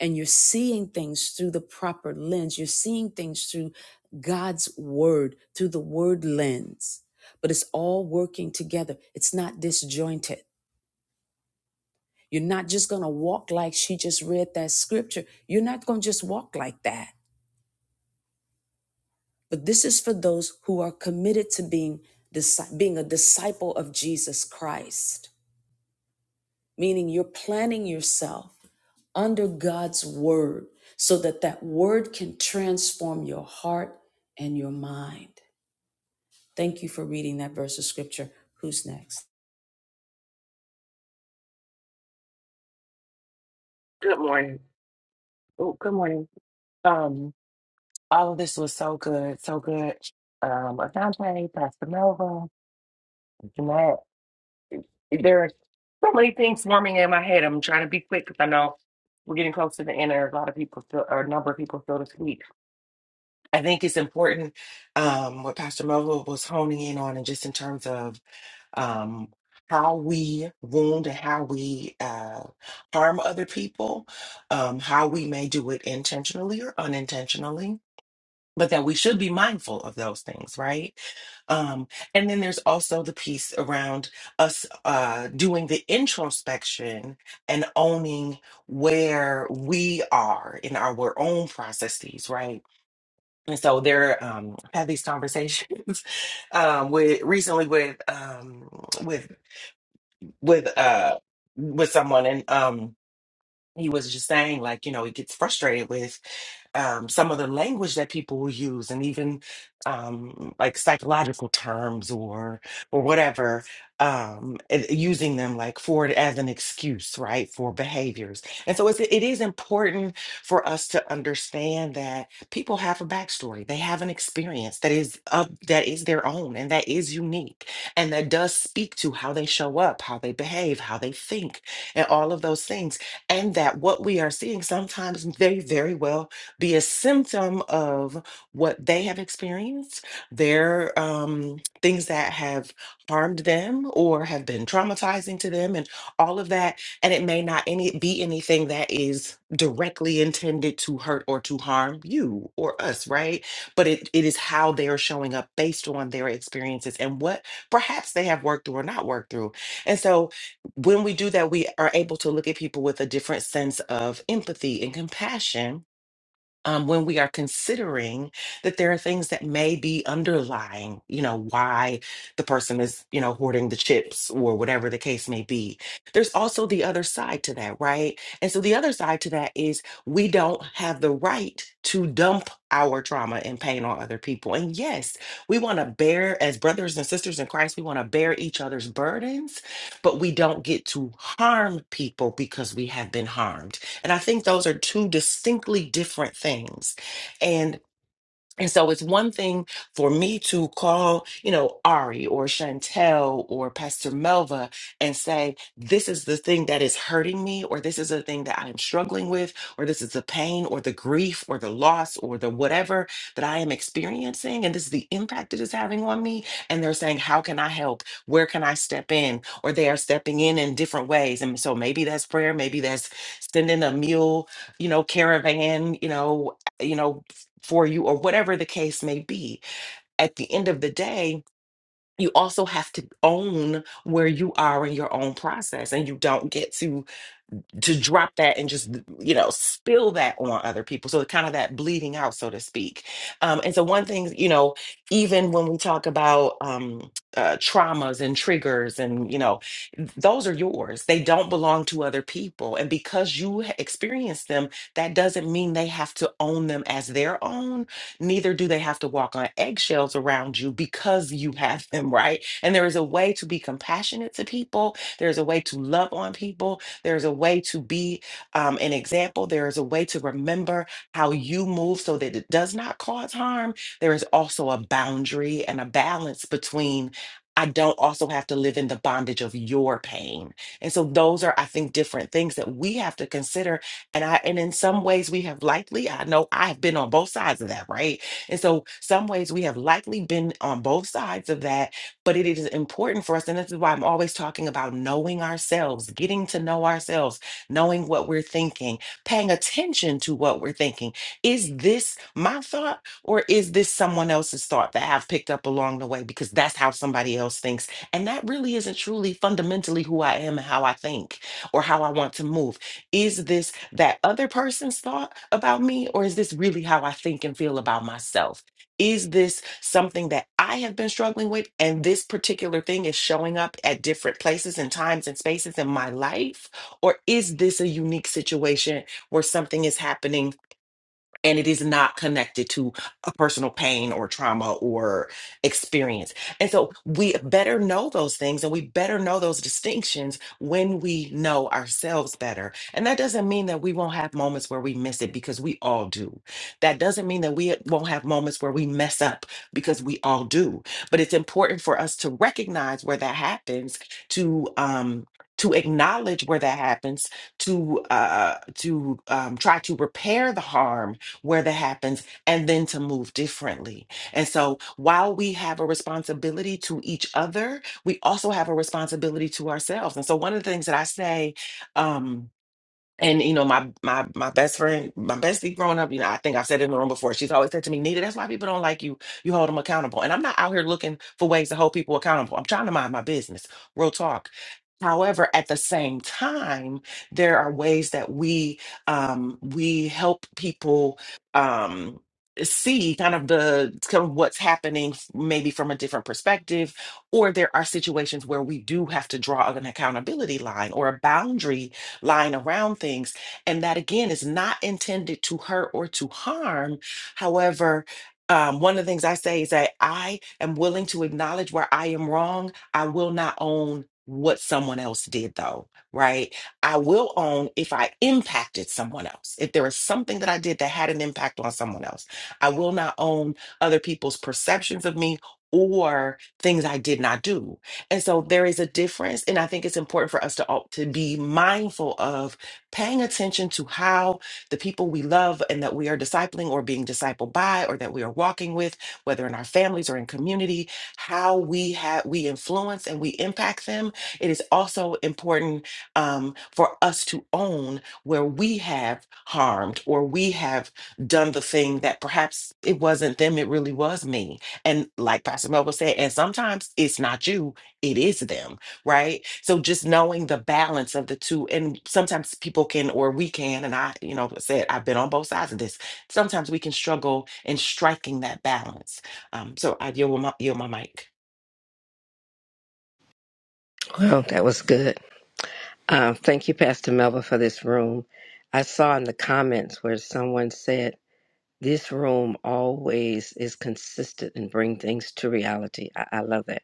Speaker 1: and you're seeing things through the proper lens. You're seeing things through God's word, through the word lens. But it's all working together, it's not disjointed. You're not just going to walk like she just read that scripture. You're not going to just walk like that. But this is for those who are committed to being, disci- being a disciple of Jesus Christ. meaning you're planning yourself under God's word so that that word can transform your heart and your mind. Thank you for reading that verse of scripture. Who's next?
Speaker 8: Good morning. Oh, good morning. Um, all of this was so good, so good. Um, Asante, Pastor Melva, Jeanette. There are so many things swarming in my head. I'm trying to be quick because I know we're getting close to the end. There a lot of people, still, or a number of people still this week. I think it's important um, what Pastor Melva was honing in on, and just in terms of um, how we wound and how we uh, harm other people, um, how we may do it intentionally or unintentionally, but that we should be mindful of those things, right? Um, and then there's also the piece around us uh, doing the introspection and owning where we are in our own processes, right? And so there, um, I've had these conversations um, with recently with um, with with uh with someone and um he was just saying like you know he gets frustrated with um, some of the language that people will use, and even um, like psychological terms or or whatever, um, and using them like for it as an excuse, right, for behaviors. And so it's, it is important for us to understand that people have a backstory, they have an experience that is of that is their own and that is unique, and that does speak to how they show up, how they behave, how they think, and all of those things and that what we are seeing sometimes may very well be a symptom of what they have experienced, their um, things that have harmed them or have been traumatizing to them, and all of that. And it may not any be anything that is directly intended to hurt or to harm you or us, right? But it, it is how they are showing up based on their experiences and what perhaps they have worked through or not worked through. And so when we do that, we are able to look at people with a different sense of empathy and compassion um, when we are considering that there are things that may be underlying, you know, why the person is, you know, hoarding the chips or whatever the case may be. There's also the other side to that, right? And so the other side to that is we don't have the right to dump our trauma and pain on other people. And yes, we want to bear, as brothers and sisters in Christ, we want to bear each other's burdens, but we don't get to harm people because we have been harmed. And I think those are two distinctly different things. And and so it's one thing for me to call, you know, Ari or Chantel or Pastor Melva and say, this is the thing that is hurting me, or this is the thing that I'm struggling with, or this is the pain or the grief or the loss or the whatever that I am experiencing. And this is the impact it is having on me. And they're saying, how can I help? Where can I step in? Or they are stepping in in different ways. And so maybe that's prayer. Maybe that's sending a mule, you know, caravan, you know, you know for you or whatever the case may be. At the end of the day, you also have to own where you are in your own process and you don't get to to drop that and just you know spill that on other people so kind of that bleeding out so to speak um, and so one thing you know even when we talk about um, uh, traumas and triggers and you know those are yours they don't belong to other people and because you ha- experienced them that doesn't mean they have to own them as their own neither do they have to walk on eggshells around you because you have them right and there is a way to be compassionate to people there's a way to love on people there's a way to be um, an example. There is a way to remember how you move so that it does not cause harm. There is also a boundary and a balance between. I don't also have to live in the bondage of your pain. And so those are, I think, different things that we have to consider. And I and in some ways we have likely, I know I've been on both sides of that, right? And so some ways we have likely been on both sides of that but it is important for us, and this is why I'm always talking about knowing ourselves, getting to know ourselves, knowing what we're thinking, paying attention to what we're thinking. Is this my thought or is this someone else's thought that I've picked up along the way? Because that's how somebody else thinks. And that really isn't truly fundamentally who I am and how I think or how I want to move. Is this that other person's thought about me or is this really how I think and feel about myself? Is this something that I have been struggling with? And this particular thing is showing up at different places and times and spaces in my life? Or is this a unique situation where something is happening? and it is not connected to a personal pain or trauma or experience. And so we better know those things and we better know those distinctions when we know ourselves better. And that doesn't mean that we won't have moments where we miss it because we all do. That doesn't mean that we won't have moments where we mess up because we all do. But it's important for us to recognize where that happens to um to acknowledge where that happens to uh to um, try to repair the harm where that happens and then to move differently. And so while we have a responsibility to each other, we also have a responsibility to ourselves. And so one of the things that I say, um, and you know, my my my best friend, my bestie growing up, you know, I think I've said it in the room before. She's always said to me, Nita, that's why people don't like you. You hold them accountable. And I'm not out here looking for ways to hold people accountable. I'm trying to mind my business. Real talk. However, at the same time, there are ways that we um we help people um see kind of the kind of what's happening maybe from a different perspective or there are situations where we do have to draw an accountability line or a boundary lying around things. And that again is not intended to hurt or to harm. However, um, one of the things I say is that I am willing to acknowledge where I am wrong. I will not own what someone else did, though, right? I will own if I impacted someone else. If there is something that I did that had an impact on someone else, I will not own other people's perceptions of me or things I did not do and so there is a difference. And I think it's important for us to, all- to be mindful of paying attention to how the people we love and that we are discipling or being discipled by or that we are walking with, whether in our families or in community, how we have we influence and we impact them. It is also important um, for us to own where we have harmed or we have done the thing that perhaps it wasn't them, it really was me. And like Pastor Melville said, and sometimes it's not you, it is them, right? So just knowing the balance of the two, and sometimes people can, or we can, and I, you know, said I've been on both sides of this. Sometimes we can struggle in striking that balance. Um, so I yield my, yield my mic.
Speaker 4: Well, that was good. Um, thank you, Pastor Melba, for this room. I saw in the comments where someone said, This room always is consistent and bring things to reality. I, I love that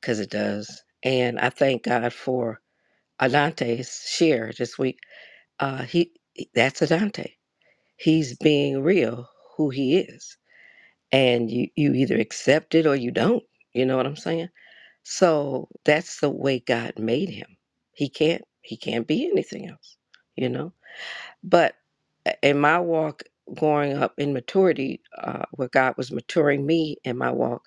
Speaker 4: because it does. And I thank God for Adante's share this week. Uh, he That's Adante. He's being real who he is. And you, you either accept it or you don't. You know what I'm saying? So that's the way God made him. He can't he can't be anything else, you know. But uh, in my walk growing up in maturity, uh, where God was maturing me in my walk,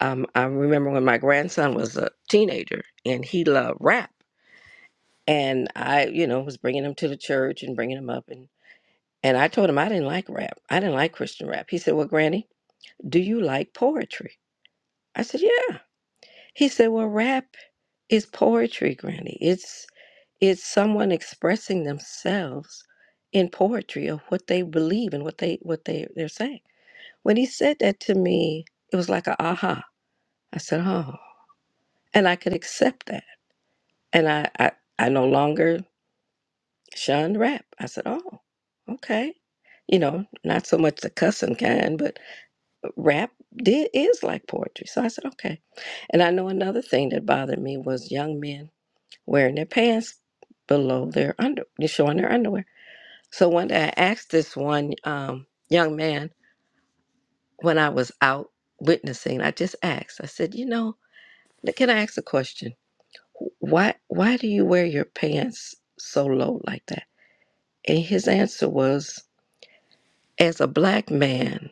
Speaker 4: um, I remember when my grandson was a teenager and he loved rap, and I, you know, was bringing him to the church and bringing him up, and and I told him I didn't like rap. I didn't like Christian rap. He said, "Well, Granny, do you like poetry?" I said, "Yeah." He said, "Well, rap is poetry, Granny. It's." It's someone expressing themselves in poetry of what they believe and what they what they they're saying. When he said that to me, it was like a aha. I said, oh, and I could accept that, and I I, I no longer shunned rap. I said, oh, okay, you know, not so much the cussing kind, but rap did is like poetry. So I said, okay. And I know another thing that bothered me was young men wearing their pants below their under, showing their underwear. So one day I asked this one um, young man when I was out witnessing, I just asked, I said, you know, can I ask a question? Why why do you wear your pants so low like that? And his answer was, as a black man,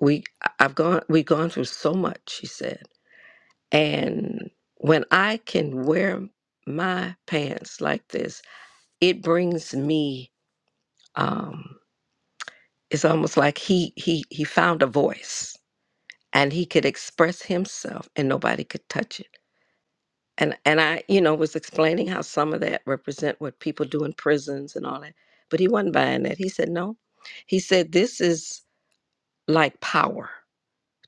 Speaker 4: we I've gone we've gone through so much, he said. And when I can wear my pants like this, it brings me um it's almost like he he he found a voice and he could express himself and nobody could touch it and and i you know was explaining how some of that represent what people do in prisons and all that but he wasn't buying that he said no he said this is like power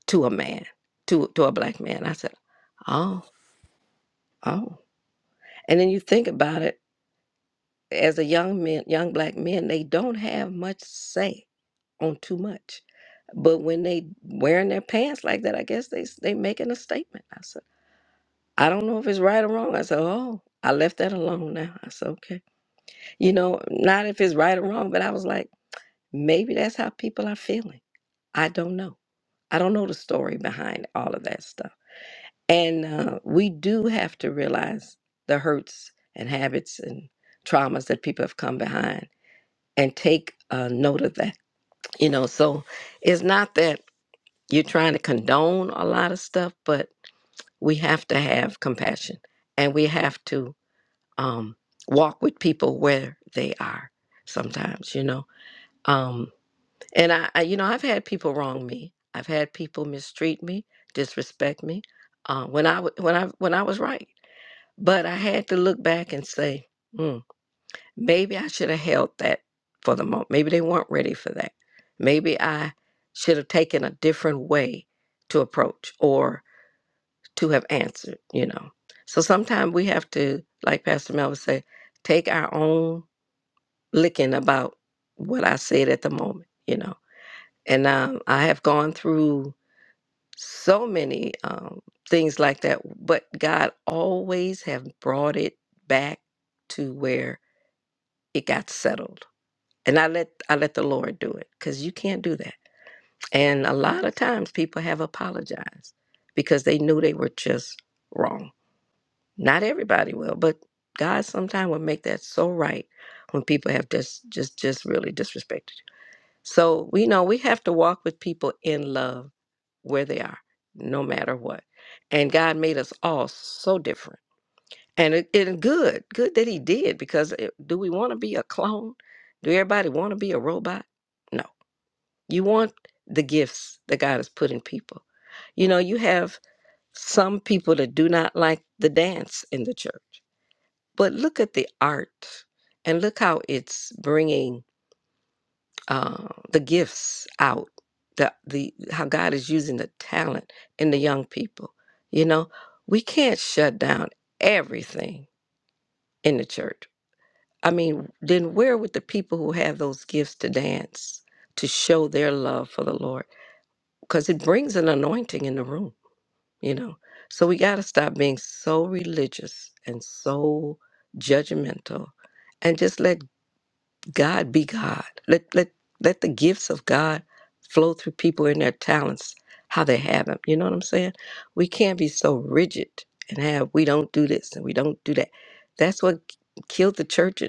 Speaker 4: to a man to to a black man i said oh oh and then you think about it as a young man young black men they don't have much say on too much but when they wearing their pants like that i guess they s- they making a statement i said I don't know if it's right or wrong. I said, oh, I left that alone now. I said, okay. You know, not if it's right or wrong, but I was like, maybe that's how people are feeling. I don't know. I don't know the story behind all of that stuff. And uh, we do have to realize the hurts and habits and traumas that people have come behind and take uh, note of that. You know, so it's not that you're trying to condone a lot of stuff, but we have to have compassion and we have to um, walk with people where they are sometimes, you know. Um, and I, I, you know, I've had people wrong me. I've had people mistreat me, disrespect me uh, when I w- when I when I was right. But I had to look back and say, hmm, maybe I should have held that for the moment. Maybe they weren't ready for that. Maybe I should have taken a different way to approach or to have answered, you know. So sometimes we have to, like Pastor Melvin said, take our own licking about what I said at the moment, you know. And um, I have gone through so many um, things like that, but God always have brought it back to where it got settled. And I let I let the Lord do it because you can't do that. And a lot of times people have apologized because they knew they were just wrong. Not everybody will, but God sometimes will make that so right when people have just just just really disrespected. you. So we know we have to walk with people in love where they are, no matter what. And God made us all so different. And it, it good, good that He did, because it, do we want to be a clone? Do everybody want to be a robot? No. You want the gifts that God has put in people. You know, you have some people that do not like the dance in the church, but look at the art and look how it's bringing uh, the gifts out the the how god is using the talent in the young people you know we can't shut down everything in the church i mean then where would the people who have those gifts to dance to show their love for the lord because it brings an anointing in the room you know so we got to stop being so religious and so judgmental and just let God be God. Let let let the gifts of God flow through people and their talents, how they have them. You know what I'm saying? We can't be so rigid and have we don't do this and we don't do that. That's what killed the church uh,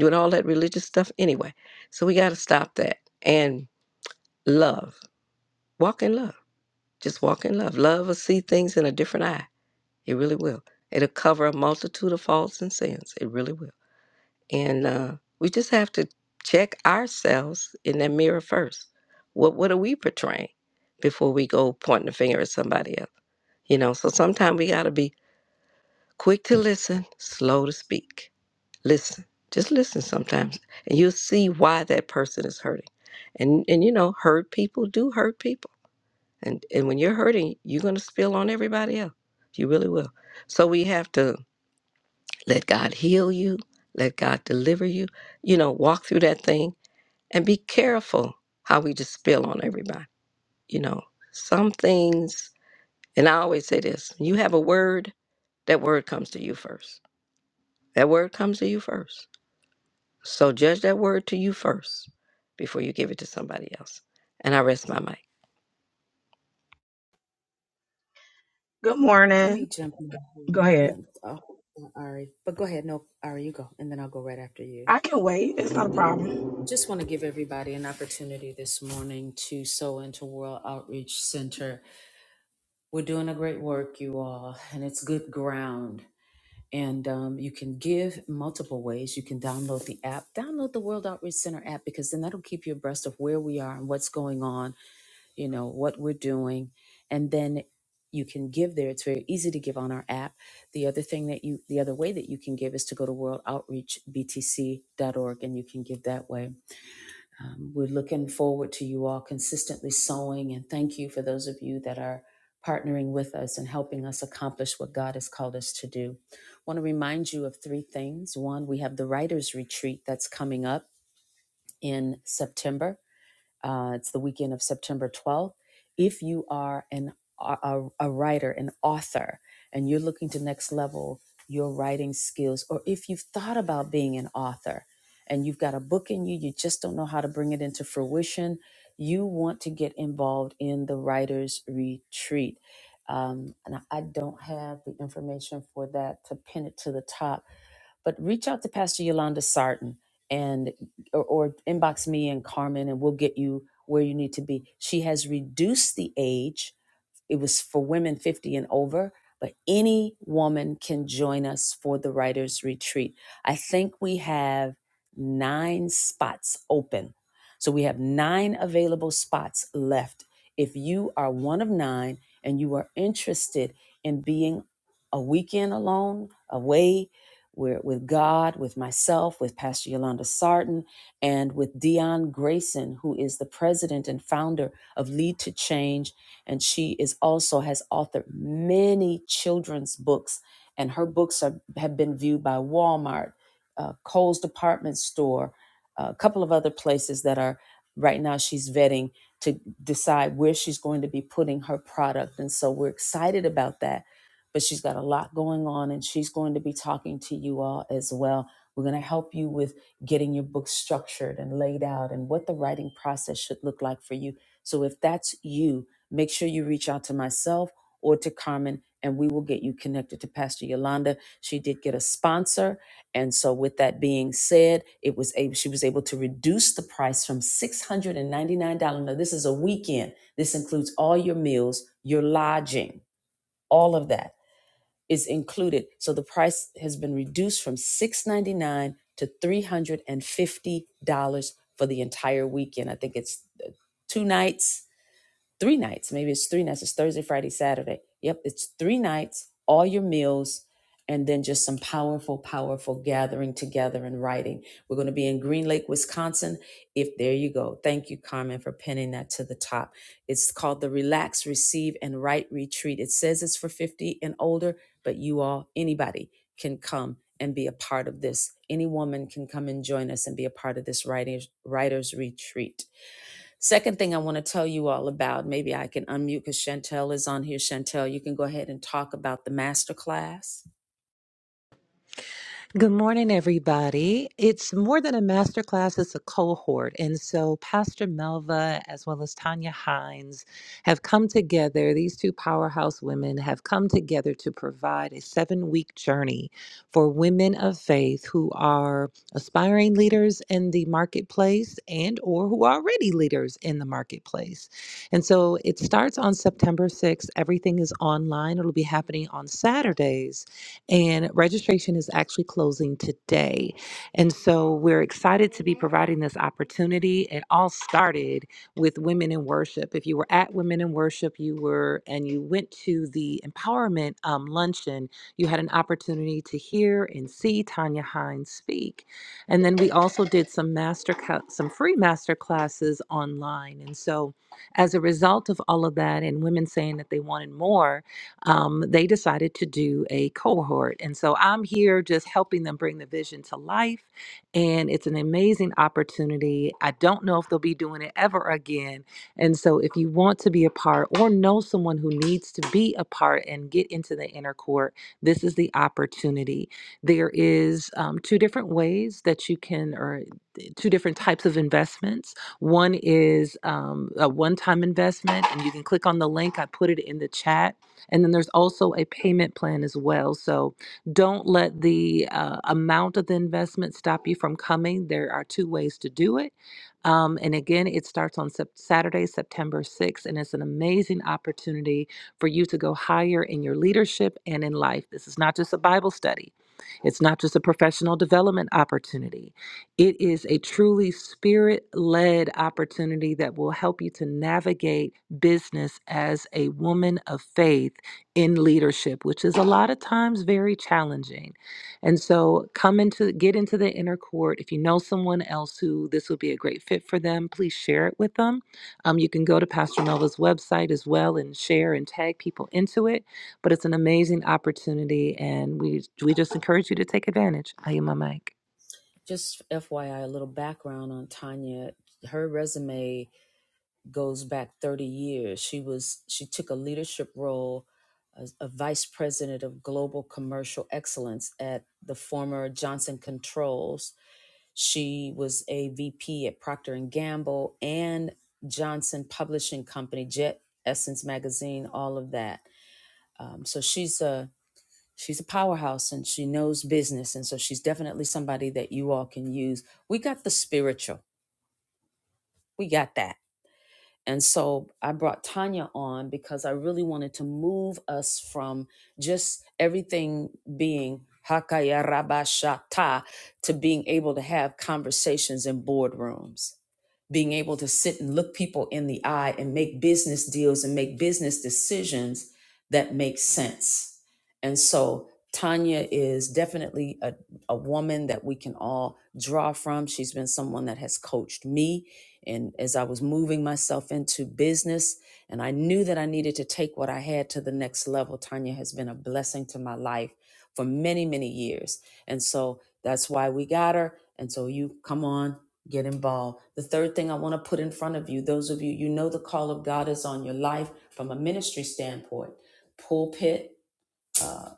Speaker 4: with all that religious stuff anyway. So we got to stop that and love. Walk in love. Just walk in love. Love will see things in a different eye. It really will. It'll cover a multitude of faults and sins. It really will. And uh, we just have to check ourselves in that mirror first. What what are we portraying before we go pointing the finger at somebody else? You know, so sometimes we gotta be quick to listen, slow to speak. Listen. Just listen sometimes. And you'll see why that person is hurting. And and you know, hurt people do hurt people. And and when you're hurting, you're gonna spill on everybody else. You really will. So we have to let God heal you, let God deliver you, you know, walk through that thing and be careful how we just spill on everybody. You know, some things, and I always say this you have a word, that word comes to you first. That word comes to you first. So judge that word to you first before you give it to somebody else. And I rest my mic.
Speaker 7: Good
Speaker 1: Let
Speaker 7: morning.
Speaker 1: me jump
Speaker 7: Go
Speaker 1: in.
Speaker 7: ahead.
Speaker 1: Let- Oh, Ari, but go ahead. No, Ari, you go, and then I'll go right after you.
Speaker 7: I can wait. It's not a problem.
Speaker 1: Just want to give everybody an opportunity this morning to sow into World Outreach Center. We're doing a great work, you all, and it's good ground. And um, you can give multiple ways. You can download the app, download the World Outreach Center app, because then that'll keep you abreast of where we are and what's going on, you know, what we're doing. And then you can give there. It's very easy to give on our app. The other thing that you, the other way that you can give is to go to worldoutreachbtc.org and you can give that way um, we're looking forward to you all consistently sowing, and thank you for those of you that are partnering with us and helping us accomplish what God has called us to do. I want to remind you of three things. One, we have the Writers Retreat that's coming up in September. Uh, it's the weekend of September 12th. If you are an, a, a writer, an author, and you're looking to next level your writing skills, or if you've thought about being an author and you've got a book in you, you just don't know how to bring it into fruition, you want to get involved in the Writers Retreat. Um, and I I don't have the information for that to pin it to the top but reach out to Pastor Yolanda Sarton and or, or inbox me and Carmen, and we'll get you where you need to be. She has reduced the age it was for women 50 and over but any woman can join us for the writers retreat i think we have nine spots open so we have nine available spots left if you are one of nine and you are interested in being a weekend alone away where- with God, with myself, with Pastor Yolanda Sarton, and with Dion Grayson, who is the president and founder of Lead to Change and she is also has authored many children's books and her books are, have been viewed by walmart uh, cole's department store a couple of other places that are right now she's vetting to decide where she's going to be putting her product and so we're excited about that but she's got a lot going on and she's going to be talking to you all as well we're going to help you with getting your book structured and laid out and what the writing process should look like for you so if that's you make sure you reach out to myself or to Carmen, and we will get you connected to Pastor Yolanda. She did get a sponsor, and so with that being said, it was able, she was able to reduce the price from six hundred and ninety nine dollars. Now this is a weekend. This includes all your meals, your lodging, all of that is included. So the price has been reduced from six ninety nine to three hundred and fifty dollars for the entire weekend. I think it's two nights three nights. Maybe it's three nights. It's Thursday, Friday, Saturday. Yep, it's three nights, all your meals, and then just some powerful, powerful gathering together and writing. We're going to be in Green Lake, Wisconsin. If there you go. Thank you, Carmen, for pinning that to the top. It's called the Relax, Receive, and Write Retreat. It says it's for 50 and older, but you all, anybody, can come and be a part of this. Any woman can come and join us and be a part of this writing, writer's retreat. Second thing I want to tell you all about, maybe I can unmute because Chantel is on here. Chantel, you can go ahead and talk about the masterclass.
Speaker 9: Good morning, everybody. It's more than a masterclass, it's a cohort. And so, Pastor Melva, as well as Tanya Hines, have come together. These two powerhouse women have come together to provide a seven week journey for women of faith who are aspiring leaders in the marketplace and or who are already leaders in the marketplace. And so it starts on September 6th. Everything is online. It'll be happening on Saturdays and registration is actually closing today. And so we're excited to be providing this opportunity. It all started with Women in Worship. If you were at Women in Worship, you were and you went to the empowerment um, luncheon, you had an opportunity to hear and see Tanya Hines speak. And then we also did some master co- some free master classes online. And so as a result of all of that and women saying that they wanted more, um, they decided to do a cohort. And so I'm here just helping them bring the vision to life. And it's an amazing opportunity. I don't know if they'll be doing it ever again. And so if you want to be a part or know someone who needs to be a part and get into the inner court, this is the opportunity. There is um, two different ways that you can, or eh, two different types of investments. One is um, a one time investment, and you can click on the link. I put it in the chat and then there's also a payment plan as well. So don't let the uh, amount of the investment stop you from coming. There are two ways to do it. Um, and again, it starts on Sep- Saturday, September 6th, and it's an amazing opportunity for you to go higher in your leadership and in life. This is not just a Bible study, it's not just a professional development opportunity. It is a truly spirit led opportunity that will help you to navigate business as a woman of faith in leadership, which is a lot of times very challenging. And so come into get into the inner court. If you know someone else who this would be a great fit for them, please share it with them. Um, you can go to Pastor Melva's website as well and share and tag people into it. But it's an amazing opportunity and we we just encourage you to take advantage. I am my mic.
Speaker 1: Just FYI, a little background on Tanya. Her resume goes back 30 years. She was she took a leadership role as a vice president of global commercial excellence at the former Johnson Controls. She was a VP at Procter and Gamble and Johnson Publishing Company, Jet Essence Magazine, all of that Um, so she's a she's a powerhouse and she knows business, and so she's definitely somebody that you all can use. We got the spiritual, we got that, and so I brought Tanya on because I really wanted to move us from just everything being hakaya rabashata to being able to have conversations in boardrooms being able to sit and look people in the eye and make business deals and make business decisions that make sense. And so Tanya is definitely a, a woman that we can all draw from. She's been someone that has coached me. And as I was moving myself into business and I knew that I needed to take what I had to the next level, Tanya has been a blessing to my life for many, many years. And so that's why we got her. And so you come on get involved. The third thing I want to put in front of you, those of you, you know, the call of God is on your life from a ministry standpoint, pulpit, uh,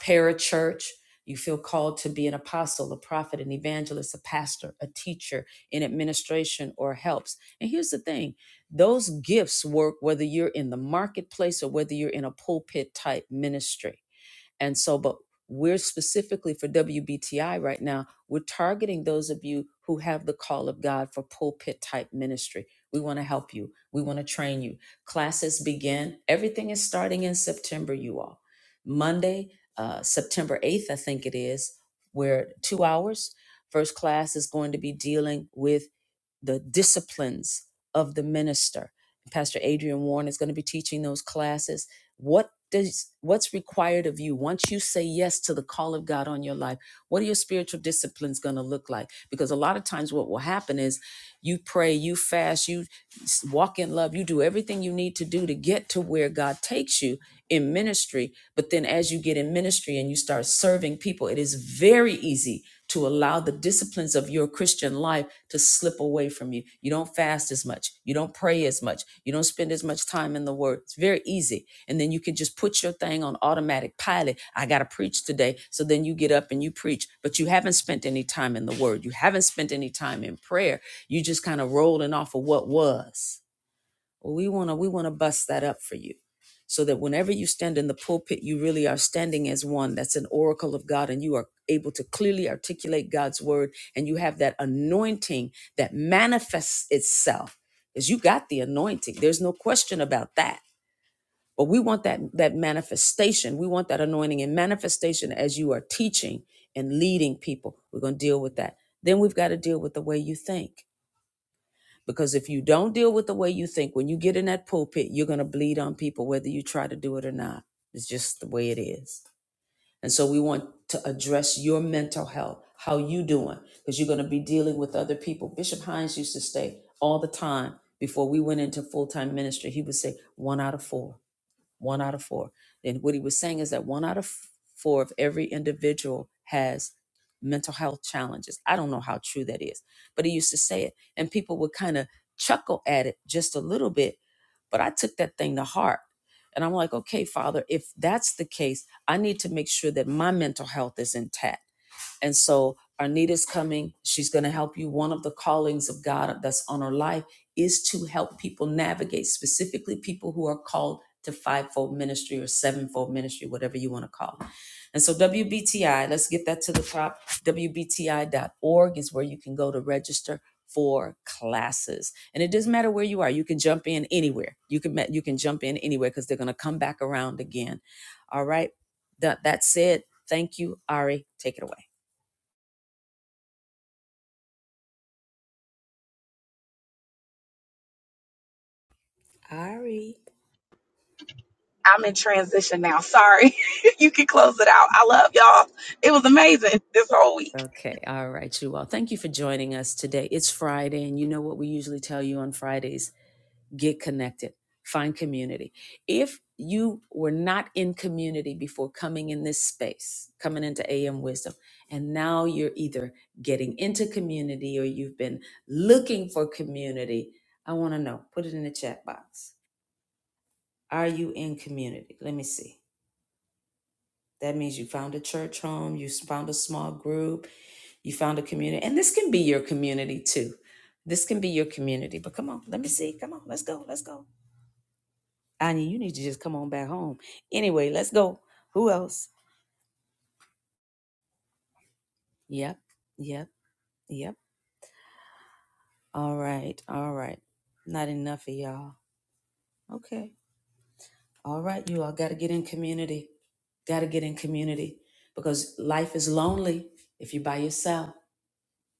Speaker 1: parachurch. You feel called to be an apostle, a prophet, an evangelist, a pastor, a teacher in administration or helps. And here's the thing those gifts work whether you're in the marketplace or whether you're in a pulpit type ministry and so, but we're specifically for WBTI right now, we're targeting those of you who have the call of God for pulpit type ministry. We want to help you, we want to train you. Classes begin, everything is starting in September, you all. Monday, uh, September 8th, I think it is, where two hours. First class is going to be dealing with the disciplines of the minister. Pastor Adrian Warren is going to be teaching those classes. What does what's required of you once you say yes to the call of God on your life? What are your spiritual disciplines going to look like? Because a lot of times what will happen is you pray, you fast, you s- walk in love, you do everything you need to do to get to where God takes you in ministry, but then as you get in ministry and you start serving people, it is very easy to allow the disciplines of your Christian life to slip away from you. You don't fast as much. You don't pray as much. You don't spend as much time in the Word. It's very easy. And then you can just put your thing on automatic pilot. I got to preach today. So then you get up and you preach, but you haven't spent any time in the Word. You haven't spent any time in prayer. You just kind of rolling off of what was. Well, we want to we want to bust that up for you so that whenever you stand in the pulpit, you really are standing as one that's an oracle of God and you are able to clearly articulate God's word and you have that anointing that manifests itself because you got the anointing. There's no question about that. But we want that that manifestation. We want that anointing and manifestation as you are teaching and leading people. We're going to deal with that. Then we've got to deal with the way you think because if you don't deal with the way you think, when you get in that pulpit, you're going to bleed on people, whether you try to do it or not. It's just the way it is. And so we want to address your mental health. How you doing? Because you're going to be dealing with other people. Bishop Hines used to say all the time before we went into full time ministry, he would say one out of four one out of four. And what he was saying is that one out of f- four of every individual has mental health challenges. I don't know how true that is, but he used to say it, and people would kind of chuckle at it just a little bit. But I took that thing to heart. And I'm like, okay, Father, if that's the case, I need to make sure that my mental health is intact and so Arnita's coming. She's going to help you. One of the callings of God that's on her life is to help people navigate, specifically people who are called to fivefold ministry or sevenfold ministry, whatever you want to call it. And so WBTI, let's get that to the top. WBTI.org is where you can go to register for classes. And it doesn't matter where you are. You can jump in anywhere. You can you can jump in anywhere because they're going to come back around again. All right. That that said, thank you, Ari. Take it away. Ari.
Speaker 7: I'm in transition now. Sorry. you can close it out. I love y'all. It was amazing this whole week.
Speaker 1: Okay, all right, you all. Thank you for joining us today. It's Friday, and you know what we usually tell you on Fridays get connected, find community. If you were not in community before coming in this space, coming into AM Wisdom, and now you're either getting into community or you've been looking for community, I want to know. Put it in the chat box. Are you in community? Let me see. That means you found a church home, you found a small group, you found a community. And this can be your community too. This can be your community. But come on, let me see. Come on, let's go. Let's go. Anya, you need to just come on back home. Anyway, let's go. Who else? Yep, yep, yep. All right, all right. Not enough of y'all. Okay. All right, you all got to get in community. Got to get in community because life is lonely if you're by yourself.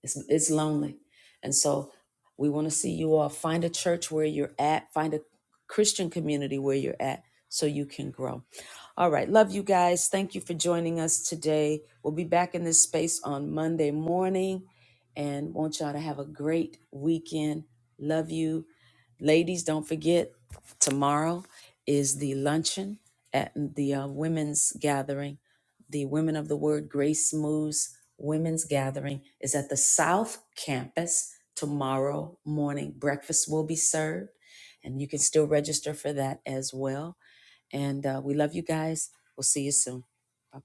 Speaker 1: It's it's lonely. And so we want to see you all find a church where you're at, find a Christian community where you're at so you can grow. All right, love you guys. Thank you for joining us today. We'll be back in this space on Monday morning and want y'all to have a great weekend. Love you. Ladies, don't forget, tomorrow is the luncheon at the uh, women's gathering. The Women of the Word Grace Moves Women's Gathering is at the South Campus tomorrow morning. Breakfast will be served, and you can still register for that as well. And uh, we love you guys. We'll see you soon. Bye.